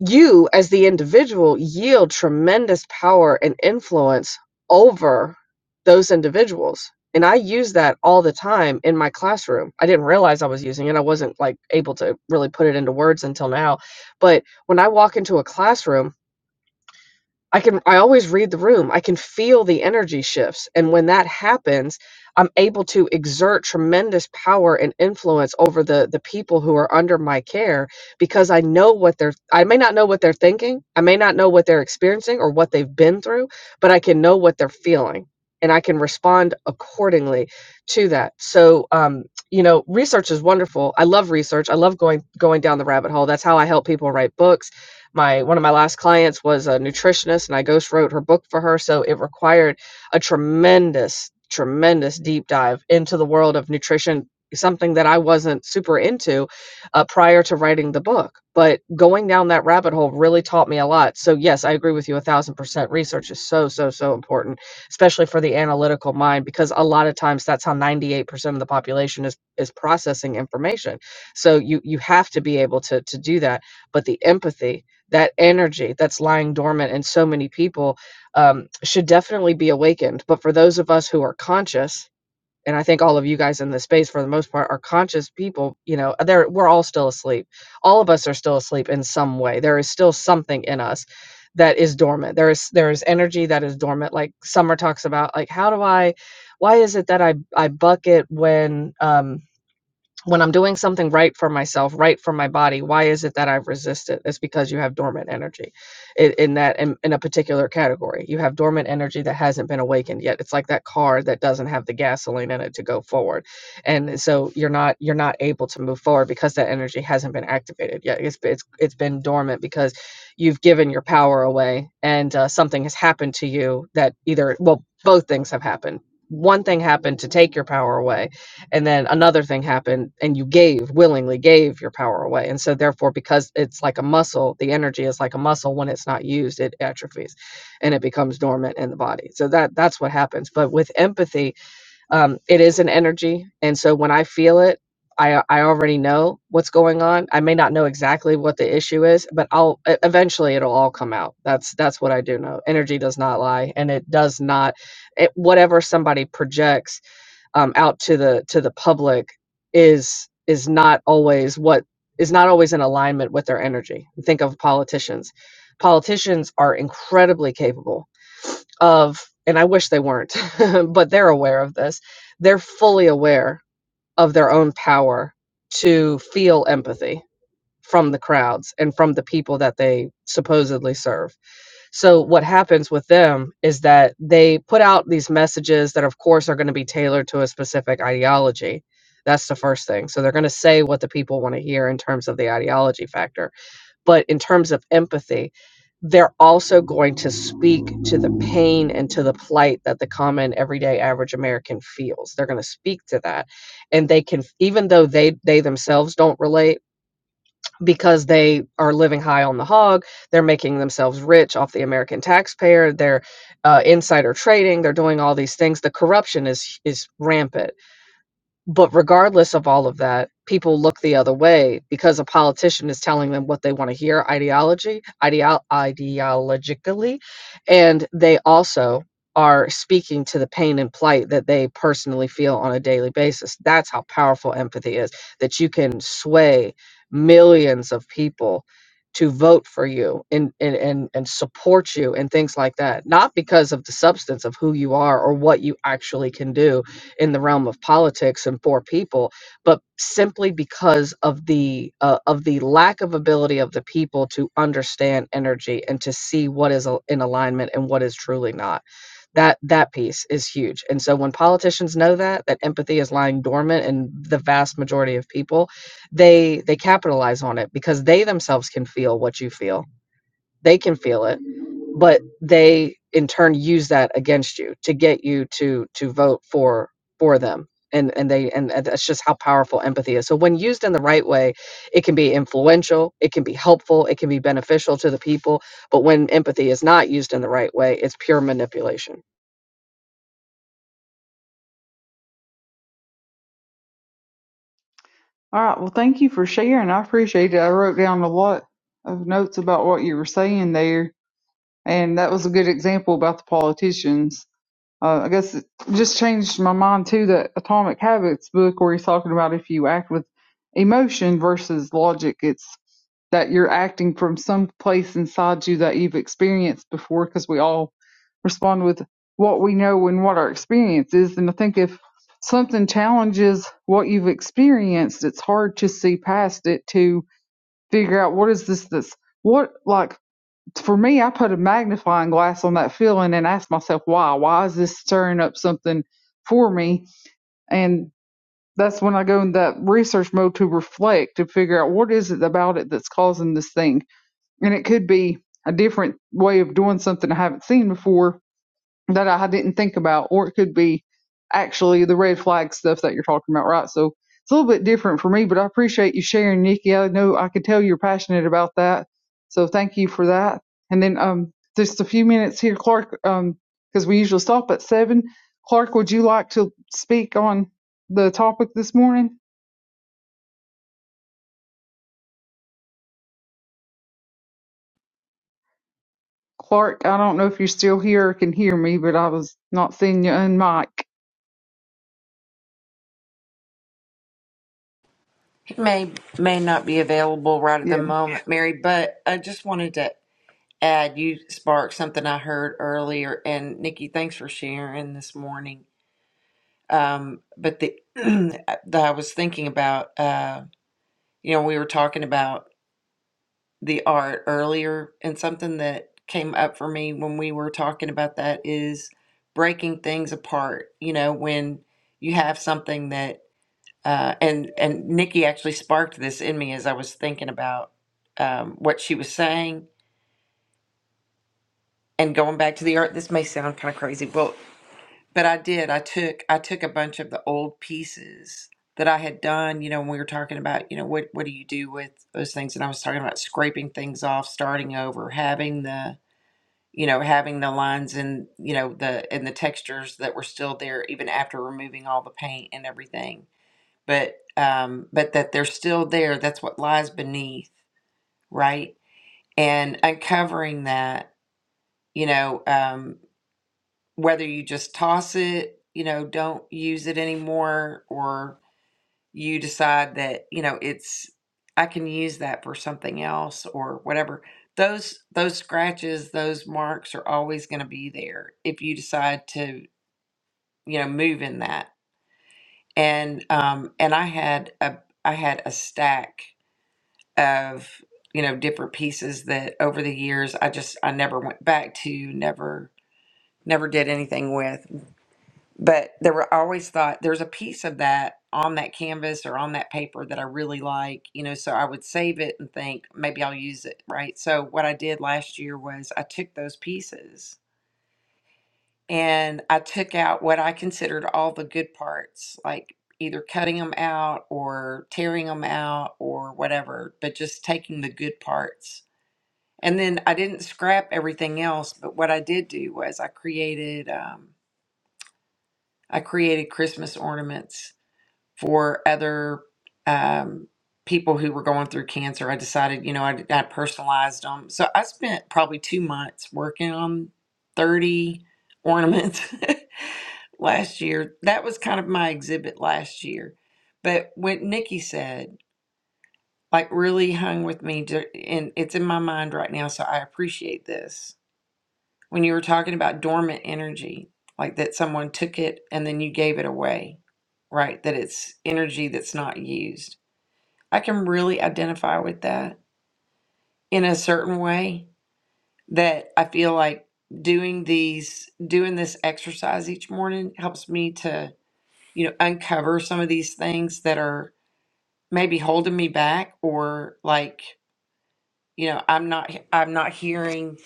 Speaker 5: you as the individual yield tremendous power and influence over those individuals and i use that all the time in my classroom i didn't realize i was using it i wasn't like able to really put it into words until now but when i walk into a classroom I can I always read the room. I can feel the energy shifts and when that happens, I'm able to exert tremendous power and influence over the the people who are under my care because I know what they're I may not know what they're thinking, I may not know what they're experiencing or what they've been through, but I can know what they're feeling and I can respond accordingly to that. So um you know, research is wonderful. I love research. I love going going down the rabbit hole. That's how I help people write books my one of my last clients was a nutritionist and I ghost wrote her book for her so it required a tremendous tremendous deep dive into the world of nutrition something that I wasn't super into uh, prior to writing the book but going down that rabbit hole really taught me a lot so yes I agree with you a thousand percent research is so so so important especially for the analytical mind because a lot of times that's how 98% of the population is is processing information so you you have to be able to to do that but the empathy that energy that's lying dormant in so many people um, should definitely be awakened. But for those of us who are conscious, and I think all of you guys in this space, for the most part, are conscious people. You know, there we're all still asleep. All of us are still asleep in some way. There is still something in us that is dormant. There is there is energy that is dormant. Like Summer talks about, like how do I? Why is it that I I bucket when? um, when I'm doing something right for myself, right for my body, why is it that I've resisted? It's because you have dormant energy in, in that in, in a particular category. You have dormant energy that hasn't been awakened yet. It's like that car that doesn't have the gasoline in it to go forward. And so you're not you're not able to move forward because that energy hasn't been activated yet. It's it's it's been dormant because you've given your power away and uh, something has happened to you that either well both things have happened. One thing happened to take your power away and then another thing happened and you gave willingly gave your power away and so therefore because it's like a muscle the energy is like a muscle when it's not used it atrophies and it becomes dormant in the body so that that's what happens but with empathy um, it is an energy and so when i feel it I, I already know what's going on. I may not know exactly what the issue is, but I'll e- eventually it'll all come out. That's that's what I do know. Energy does not lie, and it does not. It, whatever somebody projects um, out to the to the public is is not always what is not always in alignment with their energy. Think of politicians. Politicians are incredibly capable of, and I wish they weren't, but they're aware of this. They're fully aware of their own power to feel empathy from the crowds and from the people that they supposedly serve so what happens with them is that they put out these messages that of course are going to be tailored to a specific ideology. That's the first thing. So they're going to say what the people want to hear in terms of the ideology factor. But in terms of empathy, they're also going to speak to the pain and to the plight that the common everyday average American feels. They're going to speak to that. And they can even though they they themselves don't relate because they are living high on the hog. They're making themselves rich off the American taxpayer. They're uh, insider trading. They're doing all these things. The corruption is is rampant but regardless of all of that, people look the other way because a politician is telling them what they want to hear ideology, ideol, ideologically, and they also are speaking to the pain and plight that they personally feel on a daily basis. That's how powerful empathy is, that you can sway millions of people to vote for you and, and, and, and support you and things like that. Not because of the substance of who you are or what you actually can do, in the realm of politics and poor people, but simply because of the uh, of the lack of ability of the people to understand energy and to see what is al- in alignment and what is truly not. That that piece is huge. And so when politicians know that that empathy is lying dormant in the vast majority of people, they they capitalize on it because they themselves can feel what you feel. They can feel it but they in turn use that against you to get you to to vote for for them and and they and that's just how powerful empathy is so when used in the right way it can be influential it can be helpful it can be beneficial to the people but when empathy is not used in the right way it's pure manipulation
Speaker 2: All right. Well, thank you for sharing. I appreciate it. I wrote down a lot of notes about what you were saying there, and that was a good example about the politicians. Uh, I guess it just changed my mind too. That Atomic Habits book, where he's talking about if you act with emotion versus logic, it's that you're acting from some place inside you that you've experienced before, because we all respond with what we know and what our experience is. And I think if something challenges what you've experienced, it's hard to see past it to figure out what is this, this, what, like, for me, I put a magnifying glass on that feeling and ask myself, why? Why is this stirring up something for me? And that's when I go in that research mode to reflect to figure out what is it about it that's causing this thing. And it could be a different way of doing something I haven't seen before, that I didn't think about, or it could be actually the red flag stuff that you're talking about, right? So it's a little bit different for me, but I appreciate you sharing, Nikki. I know I could tell you're passionate about that, so thank you for that. And then um, just a few minutes here, Clark, um, because we usually stop at seven. Clark, would you like to speak on the topic this morning? Clark, I don't know if you're still here or can hear me, but I was not seeing you on mic.
Speaker 4: It may may not be available right at the moment, Mary, but I just wanted to add you sparked something I heard earlier, and Nikki, thanks for sharing this morning. Um, but the that I was thinking about, uh, you know, we were talking about. the art earlier, and something that came up for me when we were talking about that is breaking things apart. You know, when you have something that, uh, and and Nikki actually sparked this in me as I was thinking about um, what she was saying and going back to the art. This may sound kind of crazy, well, but I did. I took I took a bunch of the old pieces that I had done. You know, when we were talking about, you know, what what do you do with those things? And I was talking about scraping things off, starting over, having the you know, having the lines and, you know, the and the textures that were still there even after removing all the paint and everything. But um but that they're still there, that's what lies beneath, right? And uncovering that, you know, um whether you just toss it, you know, don't use it anymore or you decide that you know it's i can use that for something else or whatever those those scratches those marks are always going to be there if you decide to you know move in that and um and i had a i had a stack of you know different pieces that over the years i just i never went back to never never did anything with but there were I always thought there's a piece of that on that canvas or on that paper that I really like, you know, so I would save it and think maybe I'll use it, right? So what I did last year was I took those pieces and I took out what I considered all the good parts, like either cutting them out or tearing them out or whatever, but just taking the good parts. And then I didn't scrap everything else, but what I did do was I created um, I created Christmas ornaments for other um, people who were going through cancer. I decided, you know, I, I personalized them. So I spent probably two months working on 30 ornaments last year. That was kind of my exhibit last year. But what Nikki said, like, really hung with me, ju- and it's in my mind right now. So I appreciate this when you were talking about dormant energy, like that someone took it and then you gave it away, right? That it's energy that's not used. I can really identify with that in a certain way that I feel like doing these, doing this exercise each morning helps me to, you know, uncover some of these things that are maybe holding me back or like, you know, I'm not, I'm not hearing.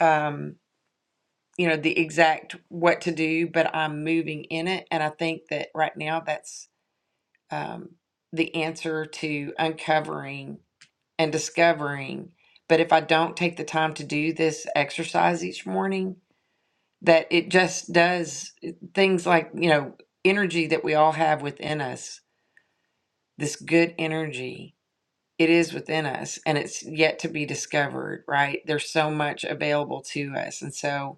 Speaker 4: Um, you know, the exact what to do, but I'm moving in it. And I think that right now that's um, the answer to uncovering and discovering. But if I don't take the time to do this exercise each morning, that it just does things like, you know, energy that we all have within us, this good energy, it is within us and it's yet to be discovered, right? There's so much available to us. And so,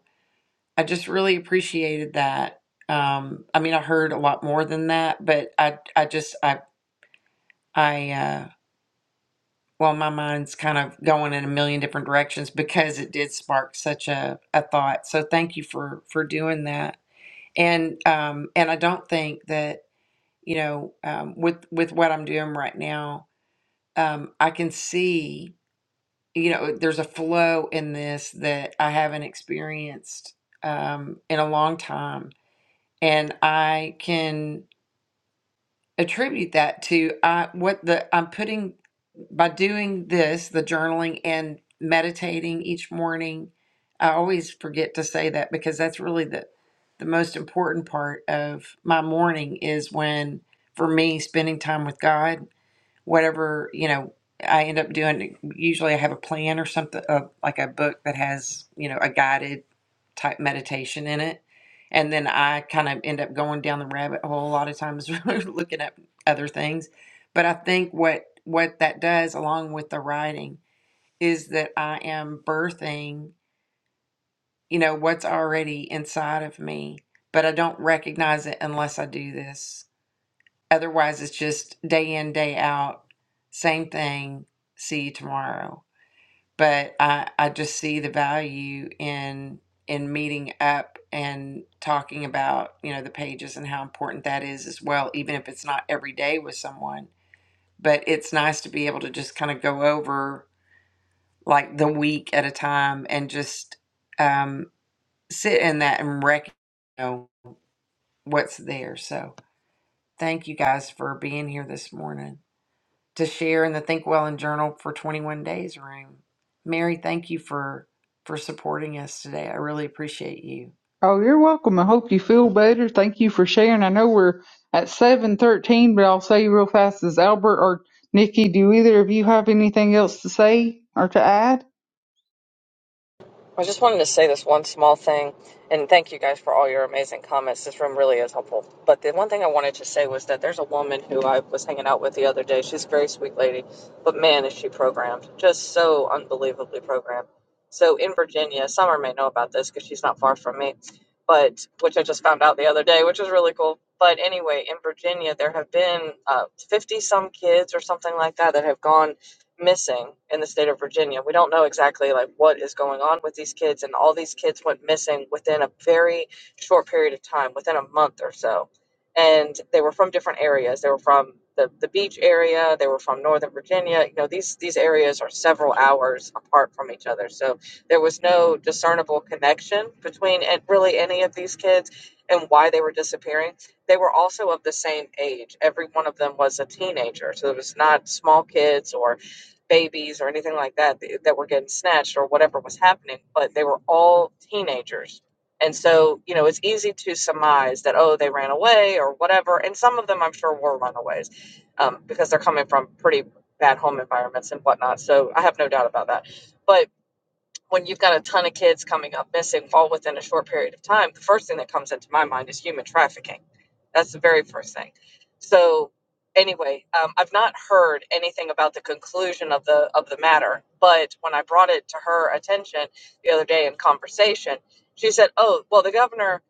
Speaker 4: I just really appreciated that. Um, I mean, I heard a lot more than that, but I, I just, I, I, uh, well, my mind's kind of going in a million different directions because it did spark such a, a thought. So thank you for, for doing that. And, um, and I don't think that, you know, um, with, with what I'm doing right now, um, I can see, you know, there's a flow in this that I haven't experienced, um, in a long time and I can attribute that to I what the I'm putting by doing this, the journaling and meditating each morning. I always forget to say that because that's really the the most important part of my morning is when for me spending time with God whatever you know I end up doing. Usually, I have a plan or something, uh, like a book that has you know a guided type meditation in it, and then I kind of end up going down the rabbit hole a lot of times, looking up other things. But I think what what that does, along with the writing, is that I am birthing you know what's already inside of me, but I don't recognize it unless I do this Otherwise, it's just day in, day out, same thing. See you tomorrow. But I, I just see the value in in meeting up and talking about you know the pages and how important that is as well, even if it's not every day with someone. But it's nice to be able to just kind of go over like the week at a time and just um, sit in that and recognize you know, what's there. So thank you guys for being here this morning. to share in the Think Well and Journal for 21 Days room. Mary, thank you for for supporting us today. I really appreciate you.
Speaker 2: Oh, you're welcome. I hope you feel better. Thank you for sharing. I know we're at seven thirteen, but I'll say real fast is Albert or Nikki, do either of you have anything else to say or to add?
Speaker 5: I just wanted to say this one small thing, and thank you guys for all your amazing comments. This room really is helpful. But the one thing I wanted to say was that there's a woman who I was hanging out with the other day. She's a very sweet lady, but man, is she programmed. Just so unbelievably programmed. So in Virginia, Summer may know about this because she's not far from me but which I just found out the other day, which is really cool. But anyway, in Virginia, there have been uh, fifty some kids or something like that that have gone missing in the state of Virginia. We don't know exactly like what is going on with these kids, and all these kids went missing within a very short period of time, within a month or so, and they were from different areas. They were from the, the beach area. They were from Northern Virginia. You know, these these areas are several hours apart from each other. So there was no discernible connection between an- really any of these kids and why they were disappearing. They were also of the same age. Every one of them was a teenager. So it was not small kids or babies or anything like that th- that were getting snatched or whatever was happening, but they were all teenagers. And so, you know, it's easy to surmise that, oh, they ran away or whatever. And some of them, I'm sure, were runaways um, because they're coming from pretty bad home environments and whatnot. So I have no doubt about that. But when you've got a ton of kids coming up missing all within a short period of time, the first thing that comes into my mind is human trafficking. That's the very first thing. So anyway, um, I've not heard anything about the conclusion of the of the matter, but when I brought it to her attention the other day in conversation, she said, "Oh, well, the governor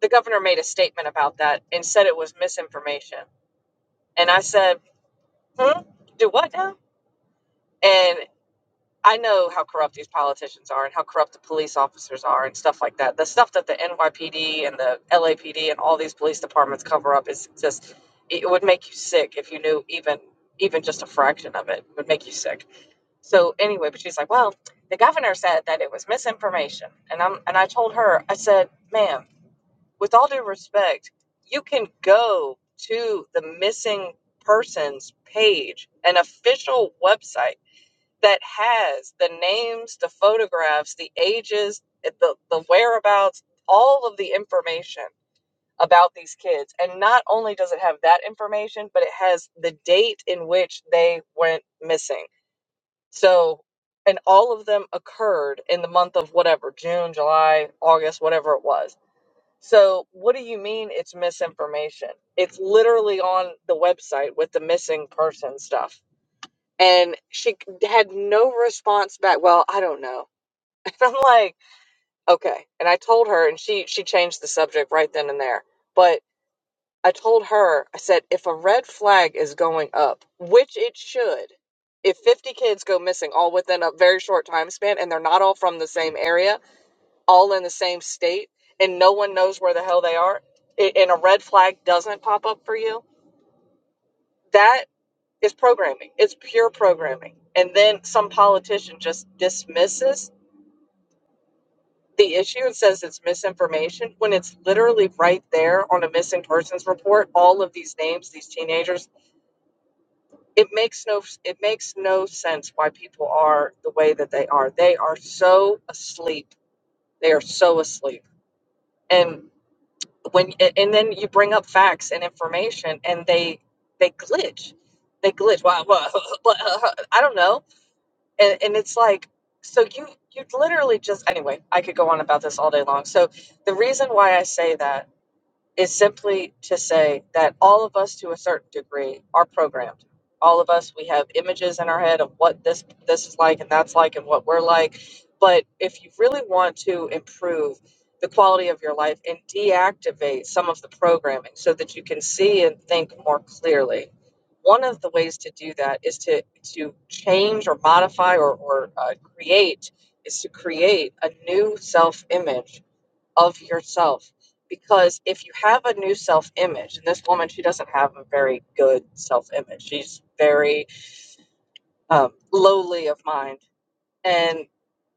Speaker 5: the governor made a statement about that and said it was misinformation." And I said, "Hmm, do what now?" And I know how corrupt these politicians are and how corrupt the police officers are and stuff like that. The stuff that the NYPD and the LAPD and all these police departments cover up is just it would make you sick if you knew even even just a fraction of it. It would make you sick. So anyway, but she's like, "Well, the governor said that it was misinformation." And I'm and I told her, I said, "Ma'am, with all due respect, you can go to the missing persons page, an official website that has the names, the photographs, the ages, eh, the, the whereabouts, all of the information about these kids. And not only does it have that information, but it has the date in which they went missing. So, and all of them occurred in the month of whatever June, July, August, whatever it was. So, what do you mean it's misinformation? It's literally on the website with the missing person stuff and she had no response back. Well, I don't know. And I'm like, okay. And I told her, and she she changed the subject right then and there. But I told her, I said, if a red flag is going up, which it should, if 50 kids go missing all within a very short time span, and they're not all from the same area, all in the same state, and no one knows where the hell they are, a- and a red flag doesn't pop up for you, that It's programming. It's pure programming. And then some politician just dismisses the issue and says it's misinformation when it's literally right there on a missing persons report. All of these names, these teenagers, it makes no it makes no sense why people are the way that they are. They are so asleep. They are so asleep. And when and then you bring up facts and information and they they glitch. They glitch. Well, well, I don't know and and it's like so you you literally just anyway i could go on about this all day long so the reason why i say that is simply to say that all of us to a certain degree are programmed all of us we have images in our head of what this this is like and that's like and what we're like but if you really want to improve the quality of your life and deactivate some of the programming so that you can see and think more clearly one of the ways to do that is to to change or modify or, or uh, create is to create a new self image of yourself because if you have a new self image and this woman she doesn't have a very good self image she's very um, lowly of mind and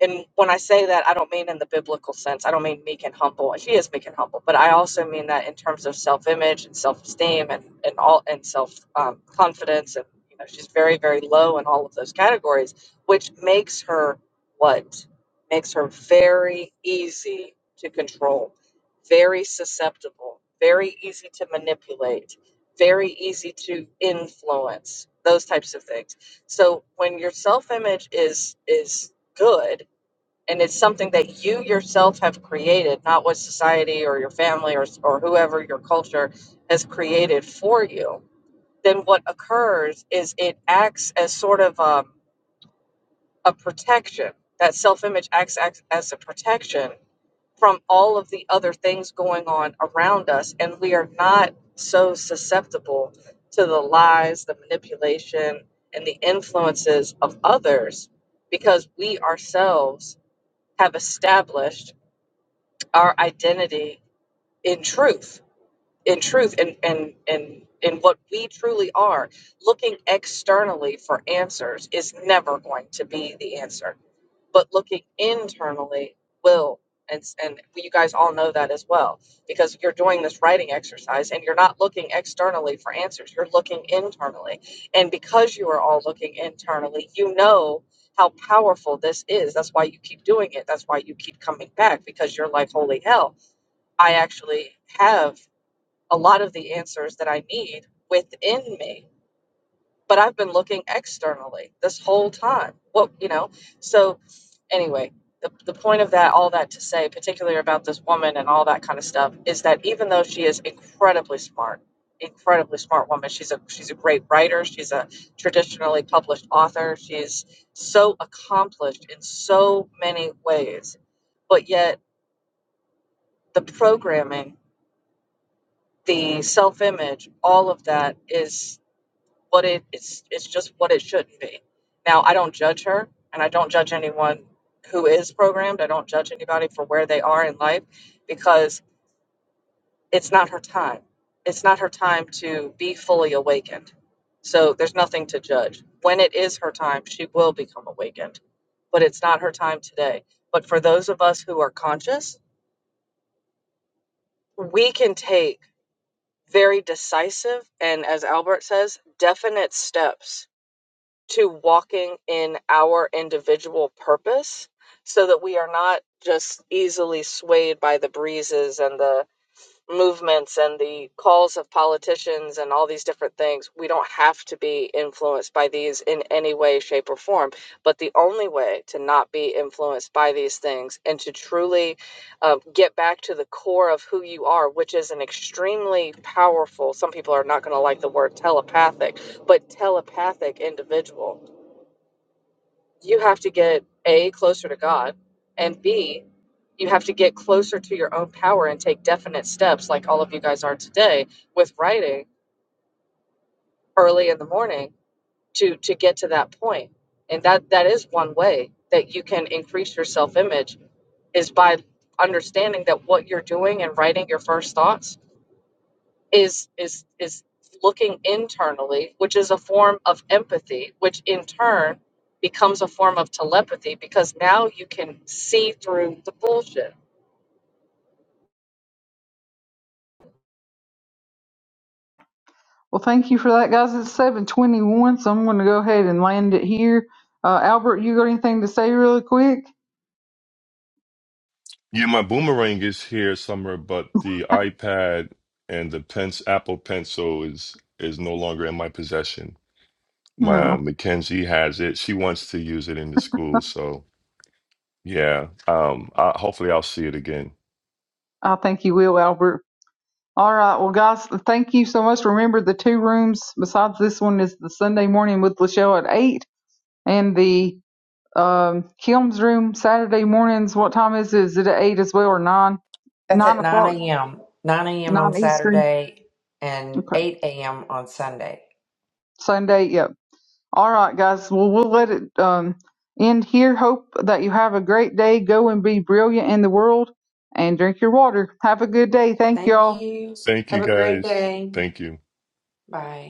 Speaker 5: and when I say that, I don't mean in the biblical sense. I don't mean meek and humble. She is meek and humble, but I also mean that in terms of self-image and self-esteem and and all and self-confidence and you know she's very very low in all of those categories, which makes her what makes her very easy to control very susceptible, very easy to manipulate, very easy to influence, those types of things. So when your self-image is is good and it's something that you yourself have created, not what society or your family or, or whoever your culture has created for you, then what occurs is it acts as sort of um, a protection. That self image acts, acts as a protection from all of the other things going on around us, and we are not so susceptible to the lies, the manipulation, and the influences of others because we ourselves have established our identity in truth, in truth, and and and in what we truly are. Looking externally for answers is never going to be the answer but looking internally will and and you guys all know that as well because you're doing this writing exercise and you're not looking externally for answers you're looking internally and because you are all looking internally you know how powerful this is that's why you keep doing it that's why you keep coming back because you're like holy hell i actually have a lot of the answers that i need within me but i've been looking externally this whole time what you know so anyway, the, the point of that, all that to say, particularly about this woman and all that kind of stuff, is that even though she is incredibly smart, incredibly smart woman, she's a she's a great writer, she's a traditionally published author, she's so accomplished in so many ways, but yet the programming, the self-image, all of that is what it it's it's just what it should be. Now I don't judge her and I don't judge anyone who is programmed. I don't judge anybody for where they are in life because it's not her time. It's not her time to be fully awakened. So there's nothing to judge. When it is her time, she will become awakened, but it's not her time today. But for those of us who are conscious, we can take very decisive and as Albert says, definite steps to walking in our us so that we are not just easily swayed by the breezes and the movements and the calls of politicians and all these different things. We don't have to be influenced by these in any way, shape, or form. But the only way to not be influenced by these things and to truly uh, get back to the core of who you are, which is an extremely powerful, some people are not going to like the word telepathic, but telepathic individual you have to get A, closer to God, and B, you have to get closer to your own power and take definite steps like all of you guys are today with writing early in the morning to to get to that point. And that that is one way that you can increase your self-image is by understanding that what you're doing and writing your first thoughts is is is looking internally which is a form of empathy which in turn becomes a form of telepathy because now you can see through the bullshit
Speaker 2: Well, thank you for that, guys. It's seven twenty one, so I'm going to go ahead and land it here. Uh, Albert, you got anything to say really quick?
Speaker 3: Yeah, my boomerang is here somewhere, but the iPad and the pens Apple Pencil is is no longer in my possession. My uh,
Speaker 2: No,
Speaker 3: Mackenzie has it. She wants to use it in the school, so yeah. Um, I, hopefully I'll see it again.
Speaker 2: I think you will, Albert. All right, well, guys, thank you so much. Remember, the two rooms besides this one is the Sunday morning with Lachelle at eight, and the Um, Kim's room Saturday mornings. What time is it? Is it at eight as well or nine?
Speaker 4: That's
Speaker 2: Nine
Speaker 4: at 9
Speaker 2: o'clock,
Speaker 4: a.m. 9 a.m. on
Speaker 2: nine Eastern.
Speaker 4: Saturday and
Speaker 2: Okay.
Speaker 4: 8 a.m. on Sunday.
Speaker 2: Sunday. Yep. All right, guys. Well, we'll let it um end here. Hope that you have a great day. Go and be brilliant in the world, and drink your water. Have a good day. Thank
Speaker 4: Thank
Speaker 2: y'all.
Speaker 4: you.
Speaker 3: Thank you
Speaker 4: Have a great
Speaker 3: guys.
Speaker 4: day.
Speaker 3: Thank you.
Speaker 4: Bye.